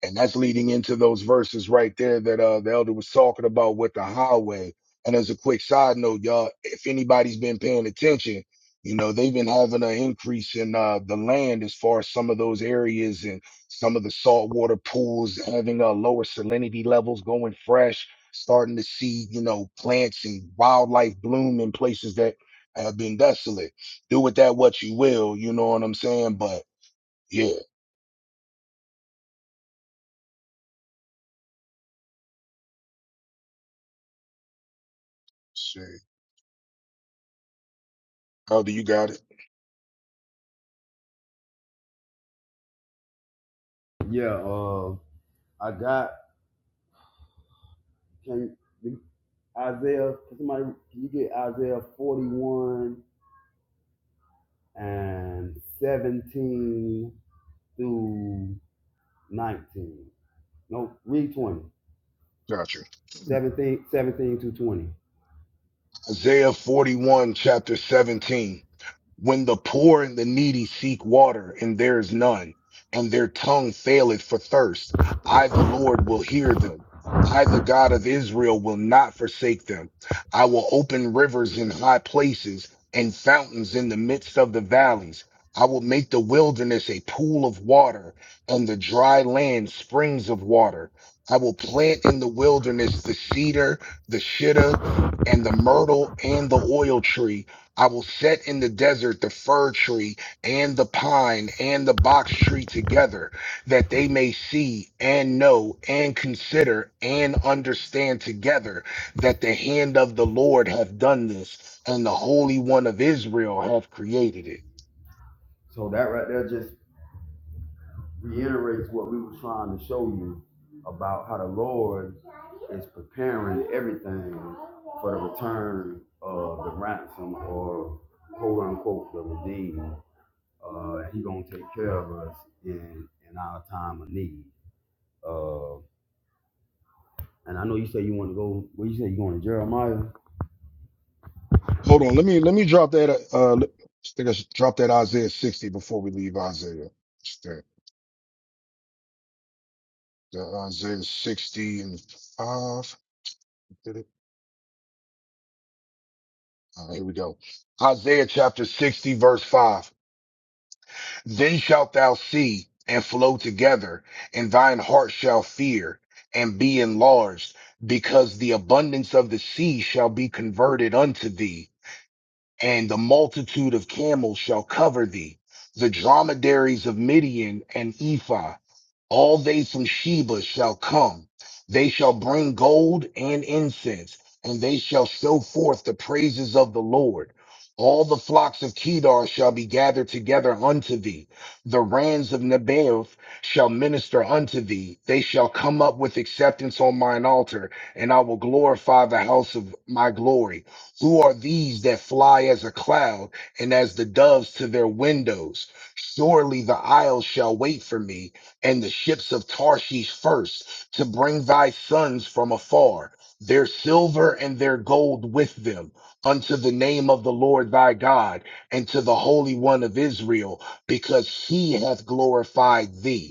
Speaker 1: And that's leading into those verses right there that uh the elder was talking about with the highway. And as a quick side note, y'all, if anybody's been paying attention, you know, they've been having an increase in uh the land as far as some of those areas and some of the saltwater pools having uh lower salinity levels going fresh, starting to see, you know, plants and wildlife bloom in places that have been desolate. Do with that what you will, you know what I'm saying? But yeah, shit. Elder, you got it.
Speaker 3: Yeah, um, I got, can Isaiah, can somebody, can you get Isaiah 41 and 17 through 19? No, read 20.
Speaker 1: Gotcha.
Speaker 3: 17, 17 to 20.
Speaker 1: Isaiah 41, chapter 17. When the poor and the needy seek water, and there is none, and their tongue faileth for thirst, I, the Lord, will hear them. I, the God of Israel, will not forsake them. I will open rivers in high places and fountains in the midst of the valleys. I will make the wilderness a pool of water and the dry land springs of water. I will plant in the wilderness the cedar, the shittim and the myrtle and the oil tree. I will set in the desert the fir tree and the pine and the box tree together, that they may see and know and consider and understand together that the hand of the Lord hath done this, and the Holy One of Israel hath created it.
Speaker 3: So that right there just reiterates what we were trying to show you about how the Lord is preparing everything for the return of the ransom or quote unquote the redeemed. Uh, he gonna take care of us in in our time of need. Uh, and I know you say you want to go. What you say you going to Jeremiah?
Speaker 1: Hold on, let me let me drop that. Uh, let- I think I should drop that Isaiah sixty before we leave Isaiah. Just that- The Isaiah sixty and five. All right, here we go. Isaiah chapter 60 verse 5. Then shalt thou see and flow together and thine heart shall fear and be enlarged because the abundance of the sea shall be converted unto thee and the multitude of camels shall cover thee, the dromedaries of Midian and Ephah, all they from Sheba shall come. They shall bring gold and incense, and they shall show forth the praises of the Lord. All the flocks of Kedar shall be gathered together unto thee. The rams of Nebaioth shall minister unto thee. They shall come up with acceptance on mine altar, and I will glorify the house of my glory. Who are these that fly as a cloud and as the doves to their windows? Surely the isles shall wait for me, and the ships of Tarshish first, to bring thy sons from afar, their silver and their gold with them, unto the name of the Lord thy God, and to the Holy One of Israel, because he hath glorified thee.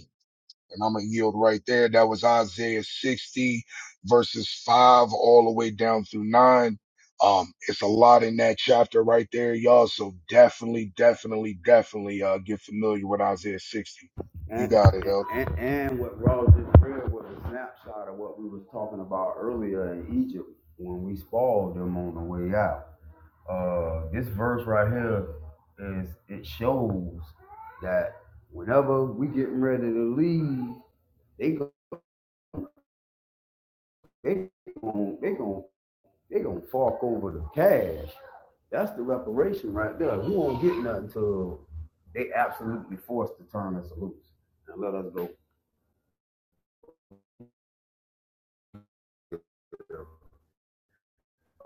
Speaker 1: And I'm going to yield right there. That was Isaiah 60 verses 5 all the way down through 9. Um, it's a lot in that chapter right there, y'all. So definitely, definitely, definitely, uh, get familiar with Isaiah 60. You
Speaker 3: And
Speaker 1: got it,
Speaker 3: and,
Speaker 1: Elder.
Speaker 3: and and what Raw just read was a snapshot of what we was talking about earlier in Egypt when we spoiled them on the way out Uh, this verse right here is it shows that whenever we getting ready to leave, they go they gon' they gon' they gon to fork over the cash. That's the reparation right there. We won't get nothing till they absolutely force to turn us loose and let us go.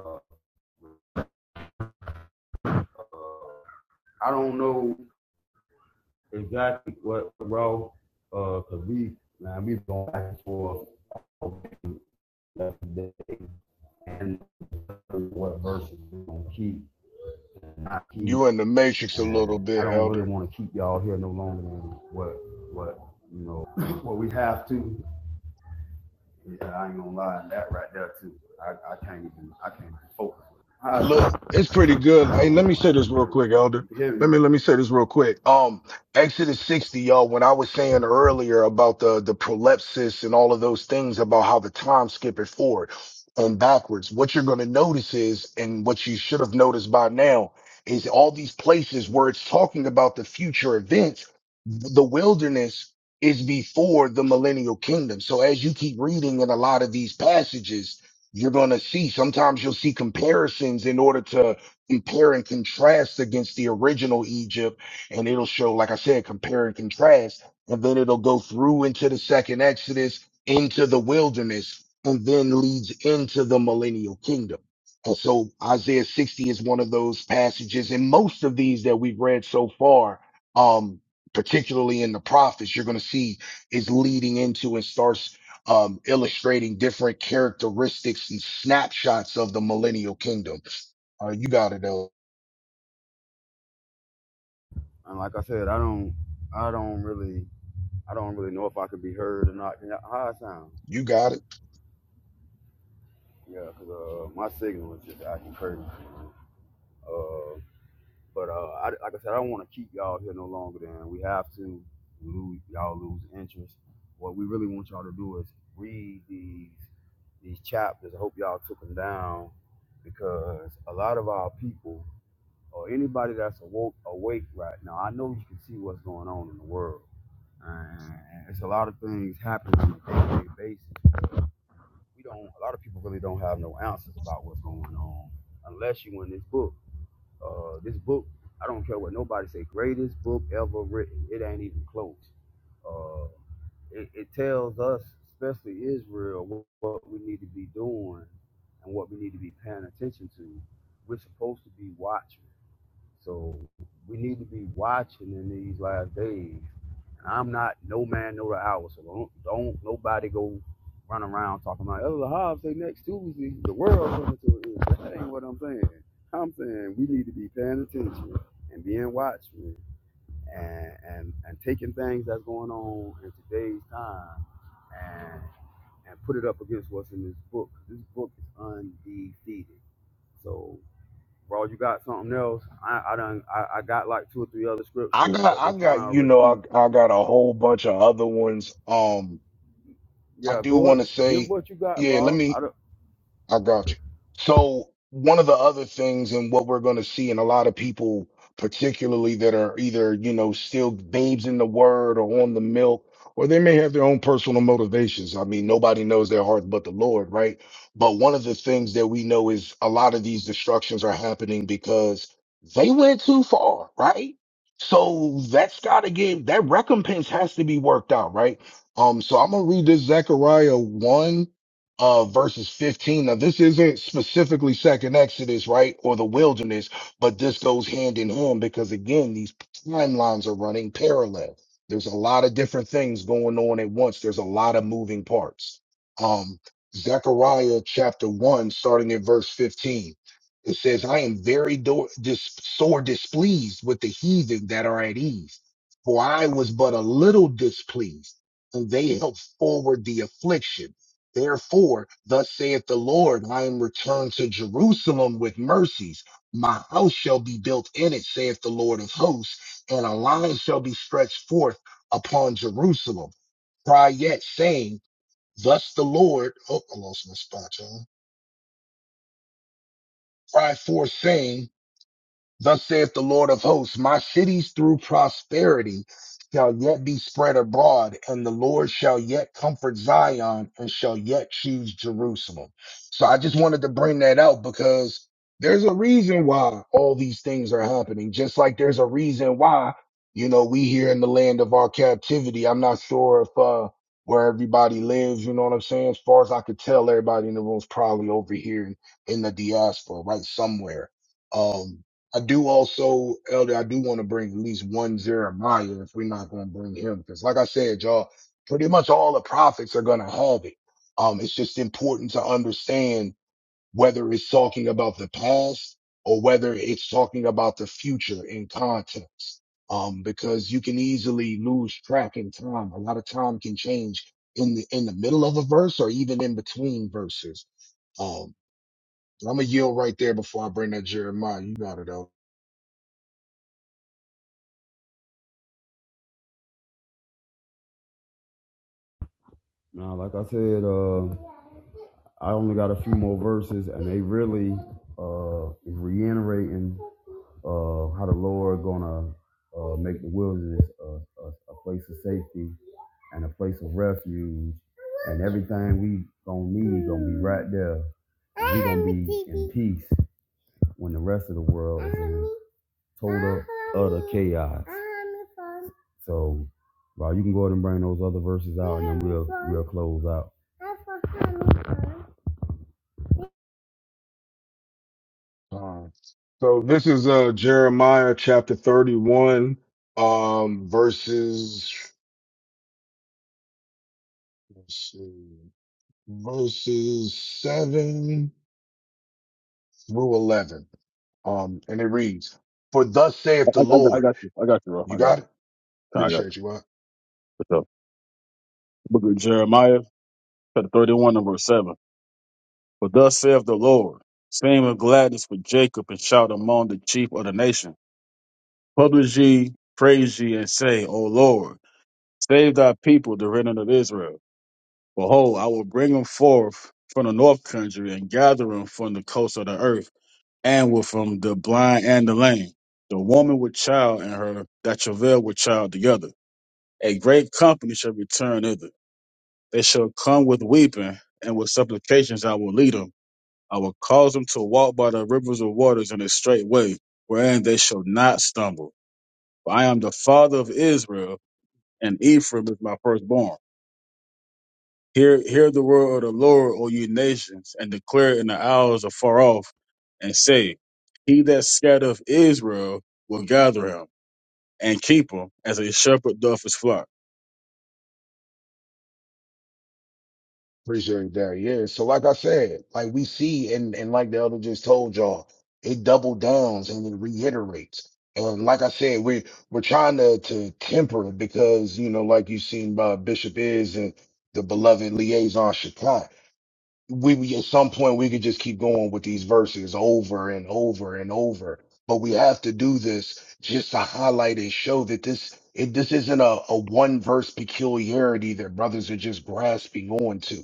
Speaker 3: Uh, uh, I don't know exactly what row, uh, cause we now we going back and forth left the day and what verses we're gonna keep and not keep.
Speaker 1: You in the matrix a little
Speaker 3: And I
Speaker 1: bit,
Speaker 3: don't really
Speaker 1: Elder.
Speaker 3: want to keep y'all here no longer than what what you know <clears throat> what we have to. Yeah, I ain't gonna lie, that right there too. I, I can't even I can't even focus. I,
Speaker 1: Look, it's pretty good.
Speaker 3: I
Speaker 1: Hey,
Speaker 3: don't
Speaker 1: let
Speaker 3: know
Speaker 1: me
Speaker 3: when
Speaker 1: say
Speaker 3: I
Speaker 1: this
Speaker 3: can hear
Speaker 1: real quick,
Speaker 3: everything.
Speaker 1: Elder.
Speaker 3: You can hear
Speaker 1: Let
Speaker 3: me,
Speaker 1: me let me say this real quick. Um, Exodus 60, y'all, when I was saying earlier about the the prolepsis and all of those things about how the time skip is forward and backwards, what you're gonna notice is, and what you should have noticed by now, is all these places where it's talking about the future events, the wilderness is before the millennial kingdom. So as you keep reading in a lot of these passages, you're going to see sometimes you'll see comparisons in order to compare and contrast against the original Egypt. And it'll show, like I said, compare and contrast. And then it'll go through into the second Exodus, into the wilderness, and then leads into the millennial kingdom. And so Isaiah 60 is one of those passages. And most of these that we've read so far, um, particularly in the prophets, you're going to see is leading into and starts um, illustrating different characteristics and snapshots of the millennial kingdom. Uh, you got it, though.
Speaker 3: and like I said, I don't I don't really I don't really know if I can be heard or not. Can y'all- How I sound?
Speaker 1: You got it.
Speaker 3: Yeah, 'cause uh, my signal is just acting crazy. Uh, But uh, I, like I said, I don't want to keep y'all here no longer than we have to. Lose, y'all lose interest. What we really want y'all to do is read these these chapters. I hope y'all took them down because a lot of our people or anybody that's awoke awake right now, I know you can see what's going on in the world. And it's a lot of things happening on a day-to-day basis. We don't. A lot of people really don't have no answers about what's going on unless you in this book. Uh, this book, I don't care what nobody say, greatest book ever written. It ain't even close. Uh, it, it tells us, especially Israel, what, what we need to be doing and what we need to be paying attention to. We're supposed to be watching. So we need to be watching in these last days and I'm not no man, no the hour. So don't, don't nobody go run around talking about, oh, the Hobbs say next Tuesday, the world coming to an end. That ain't what I'm saying. I'm saying we need to be paying attention and being watchmen and, and, and taking things that's going on in today's time and, and put it up against what's in this book. This book is undefeated. So, bro, you got something else? I, I done, I, I got like two or three other
Speaker 1: I
Speaker 3: scriptures,
Speaker 1: got,
Speaker 3: but
Speaker 1: I
Speaker 3: they kind
Speaker 1: got,
Speaker 3: of
Speaker 1: you know,
Speaker 3: repeat
Speaker 1: I, I got a whole bunch of other ones. Um, I
Speaker 3: Yeah,
Speaker 1: do
Speaker 3: go
Speaker 1: want to
Speaker 3: give
Speaker 1: say,
Speaker 3: what you got,
Speaker 1: yeah, let
Speaker 3: Raw.
Speaker 1: me,
Speaker 3: I don't.
Speaker 1: I got you. So one of the other things and what we're going to see in a lot of people, particularly that are either, you know, still babes in the word or on the milk, or they may have their own personal motivations. I mean, nobody knows their heart but the Lord, right? But one of the things that we know is a lot of these destructions are happening because they went too far, right? So that's got to get that recompense has to be worked out, right? Um, so I'm gonna read this Zechariah 1 uh, verses 15. Now, this isn't specifically second Exodus, right? Or the wilderness, but this goes hand in hand because again, these timelines are running parallel. There's a lot of different things going on at once. There's a lot of moving parts. Um, Zechariah chapter one, starting at verse 15. It says, I am very do- dis- sore displeased with the heathen that are at ease, for I was but a little displeased, and they helped forward the affliction. Therefore, thus saith the Lord, I am returned to Jerusalem with mercies. My house shall be built in it, saith the Lord of hosts, and a line shall be stretched forth upon Jerusalem. Cry yet, saying, Thus the Lord, oh, I lost my spot, y'all. Cry forth, saying, Thus saith the Lord of hosts, my cities through prosperity shall yet be spread abroad, and the Lord shall yet comfort Zion and shall yet choose Jerusalem. So I just wanted to bring that out because there's a reason why all these things are happening, just like there's a reason why, you know, we here in the land of our captivity. I'm not sure if, uh, where everybody lives, you know what I'm saying? As far as I could tell, everybody in the room's probably over here in in the diaspora, right? Somewhere. Um, I do also, Elder, I do want to bring at least one Jeremiah if we're not going to bring him. Because like I said, y'all, pretty much all the prophets are going to have it. Um, it's just important to understand whether it's talking about the past or whether it's talking about the future in context. Um, because you can easily lose track in time. A lot of time can change in the, in the middle of a verse or even in between verses. Um, I'm going to yield right there before I bring that Jeremiah. You got it, though.
Speaker 3: Nah, like I said, uh, I only got a few more verses, and they really uh, is reiterating uh, how the Lord gonna uh, make the wilderness a, a, a place of safety and a place of refuge, and everything we gonna need gonna be right there. We gonna be in peace. when the rest of the world is in total utter chaos. So, Rob, you can go ahead and bring those other verses out, and then we'll we'll close out.
Speaker 1: So this is uh Jeremiah chapter 31 um verses let's see, verses 7 through 11. Um and it reads, "For thus saith
Speaker 2: I,
Speaker 1: the
Speaker 2: I, I got- I
Speaker 1: Lord."
Speaker 2: got you. I got you, bro.
Speaker 1: You
Speaker 2: I got
Speaker 1: got it?
Speaker 2: you. I got you.
Speaker 1: Appreciate you. huh?
Speaker 2: What's up? Book of Jeremiah, chapter thirty-one, number seven. For thus saith the Lord, sing with gladness for Jacob, and shout among the chief of the nation. Publish ye, praise ye, and say, O Lord, save thy people, the remnant of Israel. Behold, I will bring them forth from the north country and gather them from the coast of the earth and with from the blind and the lame. The woman with child and her that travail with child together. A great company shall return thither. They shall come with weeping and with supplications I will lead them. I will cause them to walk by the rivers of waters in a straight way, wherein they shall not stumble. For I am the father of Israel, and Ephraim is my firstborn. Hear, hear the word of the Lord, O you nations, and declare it in the hours afar off, and say, He that scattereth Israel will gather him and keep him as a shepherd doth his flock.
Speaker 1: Appreciate that. Yeah. So like I said, like we see and, and like the other just told y'all, it double downs and it reiterates. And like I said, we we're trying to to temper it because, you know, like you've seen by Bishop is and the beloved liaison Shekinah we, we at some point we could just keep going with these verses over and over and over but we have to do this just to highlight and show that this it, this isn't a, a one verse peculiarity that brothers are just grasping onto.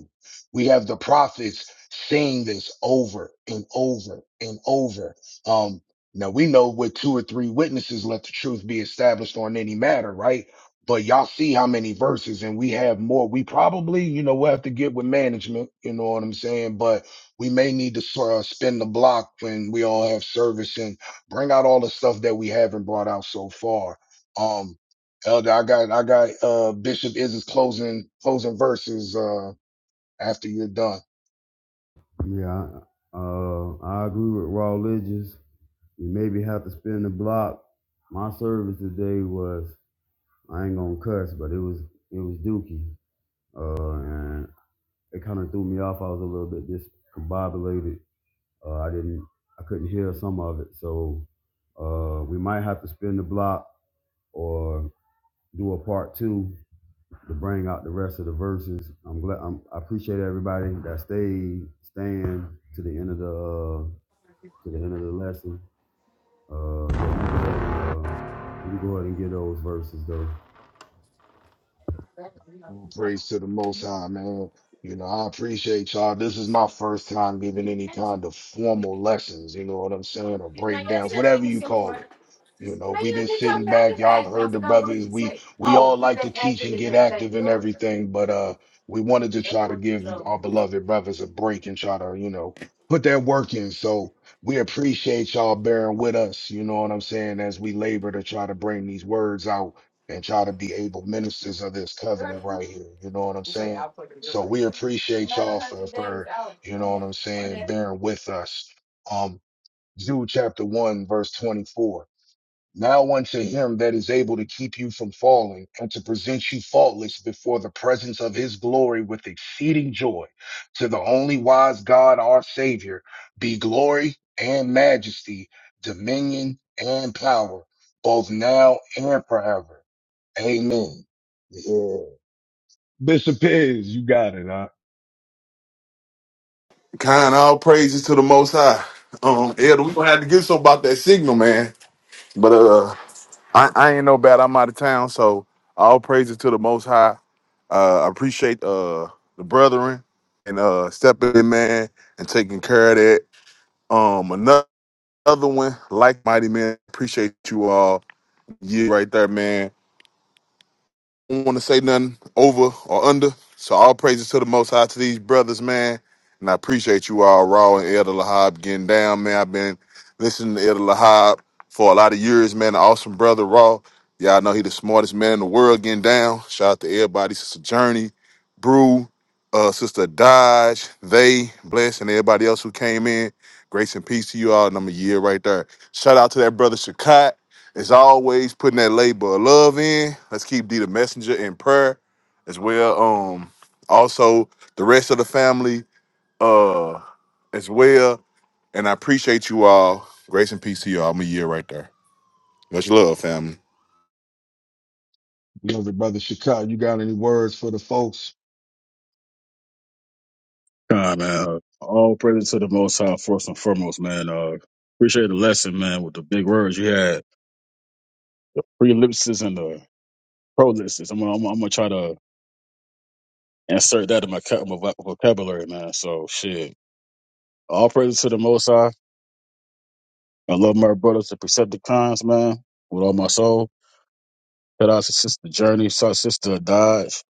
Speaker 1: we have the prophets saying this over and over and over um now we know with two or three witnesses let the truth be established on any matter right but y'all see how many verses, and we have more. We probably, you know, we'll have to get with management. You know what I'm saying? But we may need to sort of spin the block when we all have service and bring out all the stuff that we haven't brought out so far. Um, Elder, I got, I got, uh, Bishop Izz's closing, closing verses, uh, after you're done.
Speaker 3: Yeah, I, uh, I agree with raw religious. You maybe have to spin the block. My service today was I ain't gonna cuss, but it was it was Dookie, uh, and it kind of threw me off. I was a little bit discombobulated. Uh, I didn't, I couldn't hear some of it, so uh, we might have to spin the block or do a part two to bring out the rest of the verses. I'm glad. I'm, I appreciate everybody that stayed, staying to the end of the uh, to the end of the lesson. Uh, yeah, you can go ahead and uh, you can go ahead and get those verses though.
Speaker 1: Praise to the Most High, man. You know, I appreciate y'all. This is my first time giving any kind of formal lessons, you know what I'm saying, or breakdowns, whatever you call it. You know, we've been sitting back. Y'all have heard the brothers. We we all like to teach and get active and everything, but uh we wanted to try to give our beloved brothers a break and try to, you know, put their work in. So we appreciate y'all bearing with us, you know what I'm saying, as we labor to try to bring these words out and y'all to be able ministers of this covenant right here. You know what I'm saying? So we appreciate y'all for, for you know what I'm saying, bearing with us. Um, Jude chapter one, verse 24. Now unto him that is able to keep you from falling and to present you faultless before the presence of his glory with exceeding joy, to the only wise God our Savior, be glory and majesty, dominion and power, both now and forever. Amen. Yeah. Bishop Pigs, you got it. I
Speaker 4: Kind all praises to the Most High. Um, Elder, we gonna have to get some about that signal, man. But uh, I, I ain't no bad. I'm out of town, so all praises to the Most High. Uh, I appreciate uh the brethren and uh stepping in, man, and taking care of that. Um, another. Another one, like Mighty Man, appreciate you all. Yeah, right there, man. don't want to say nothing over or under. So all praises to the Most High to these brothers, man. And I appreciate you all, Raw and Elder Lahab, getting down, man. I've been listening to Elder Lahab for a lot of years, man. An awesome brother, Raw. Y'all know he the smartest man in the world getting down. Shout out to everybody, Sister Journey, Brew, uh, Sister Dodge, they, Bless, and everybody else who came in. Grace and peace to you all, and I'm a year right there. Shout out to that brother Shakai. As always, putting that labor of love in. Let's keep D the messenger in prayer as well. Um, also the rest of the family, uh, as well. And I appreciate you all. Grace and peace to you all. I'm a year right there. Much love, family.
Speaker 1: love it, brother Chicago. You got any words for the folks?
Speaker 2: God, man. uh, All praise to the Most High, first and foremost, man. Uh, appreciate the lesson, man, with the big words you had. Prelipsis and the prolipsis. I'm, gonna- I'm, gonna- I'm going to try to insert that in my, ca- my vocabulary, man. So, shit. All praise to the Most High. I love my brothers to Decepticons, man, with all my soul. Shout out to Sister Journey, shout out to Sister Dodge,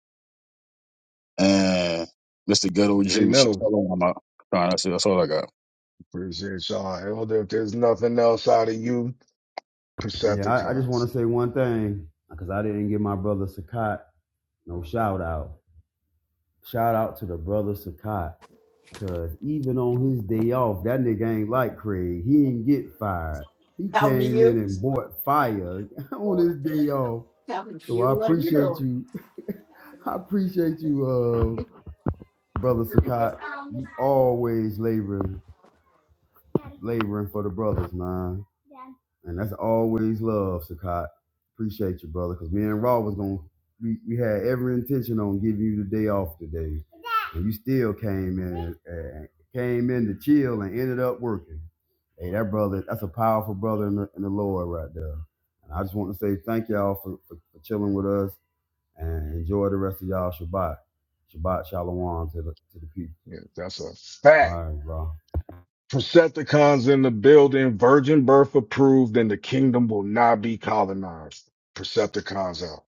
Speaker 2: and Mr. Ghetto
Speaker 1: They
Speaker 2: Jew. Shout
Speaker 1: know.
Speaker 2: out to all my- Nah, That's, it. that's all I got.
Speaker 1: Appreciate y'all. Elder, if there's nothing else out of you,
Speaker 3: Yeah, I, I just want
Speaker 1: Percepticons.
Speaker 3: to say one thing because I didn't give my brother Sakat no shout out. Shout out to the brother Sakat. Cause even on his day off, that nigga ain't like Craig. He didn't get fired. He came in and bought fire <laughs> on his day off. So I appreciate you. <laughs> I appreciate you, uh, brother Sakat. You always laboring, laboring for the brothers, man. And that's always love, Sakat. Appreciate you, brother. Cause me and Raw was gonna we, we had every intention on giving you the day off today. And you still came in and came in to chill and ended up working. Hey, that brother, that's a powerful brother in the, in the Lord right there. And I just want to say thank y'all for, for, for chilling with us and enjoy the rest of y'all Shabbat. Shabbat Shalom to the to the people.
Speaker 1: Yeah, that's a fact.
Speaker 3: All right, bro.
Speaker 1: Percepticons in the building, virgin birth approved, and the kingdom will not be colonized. Percepticons out.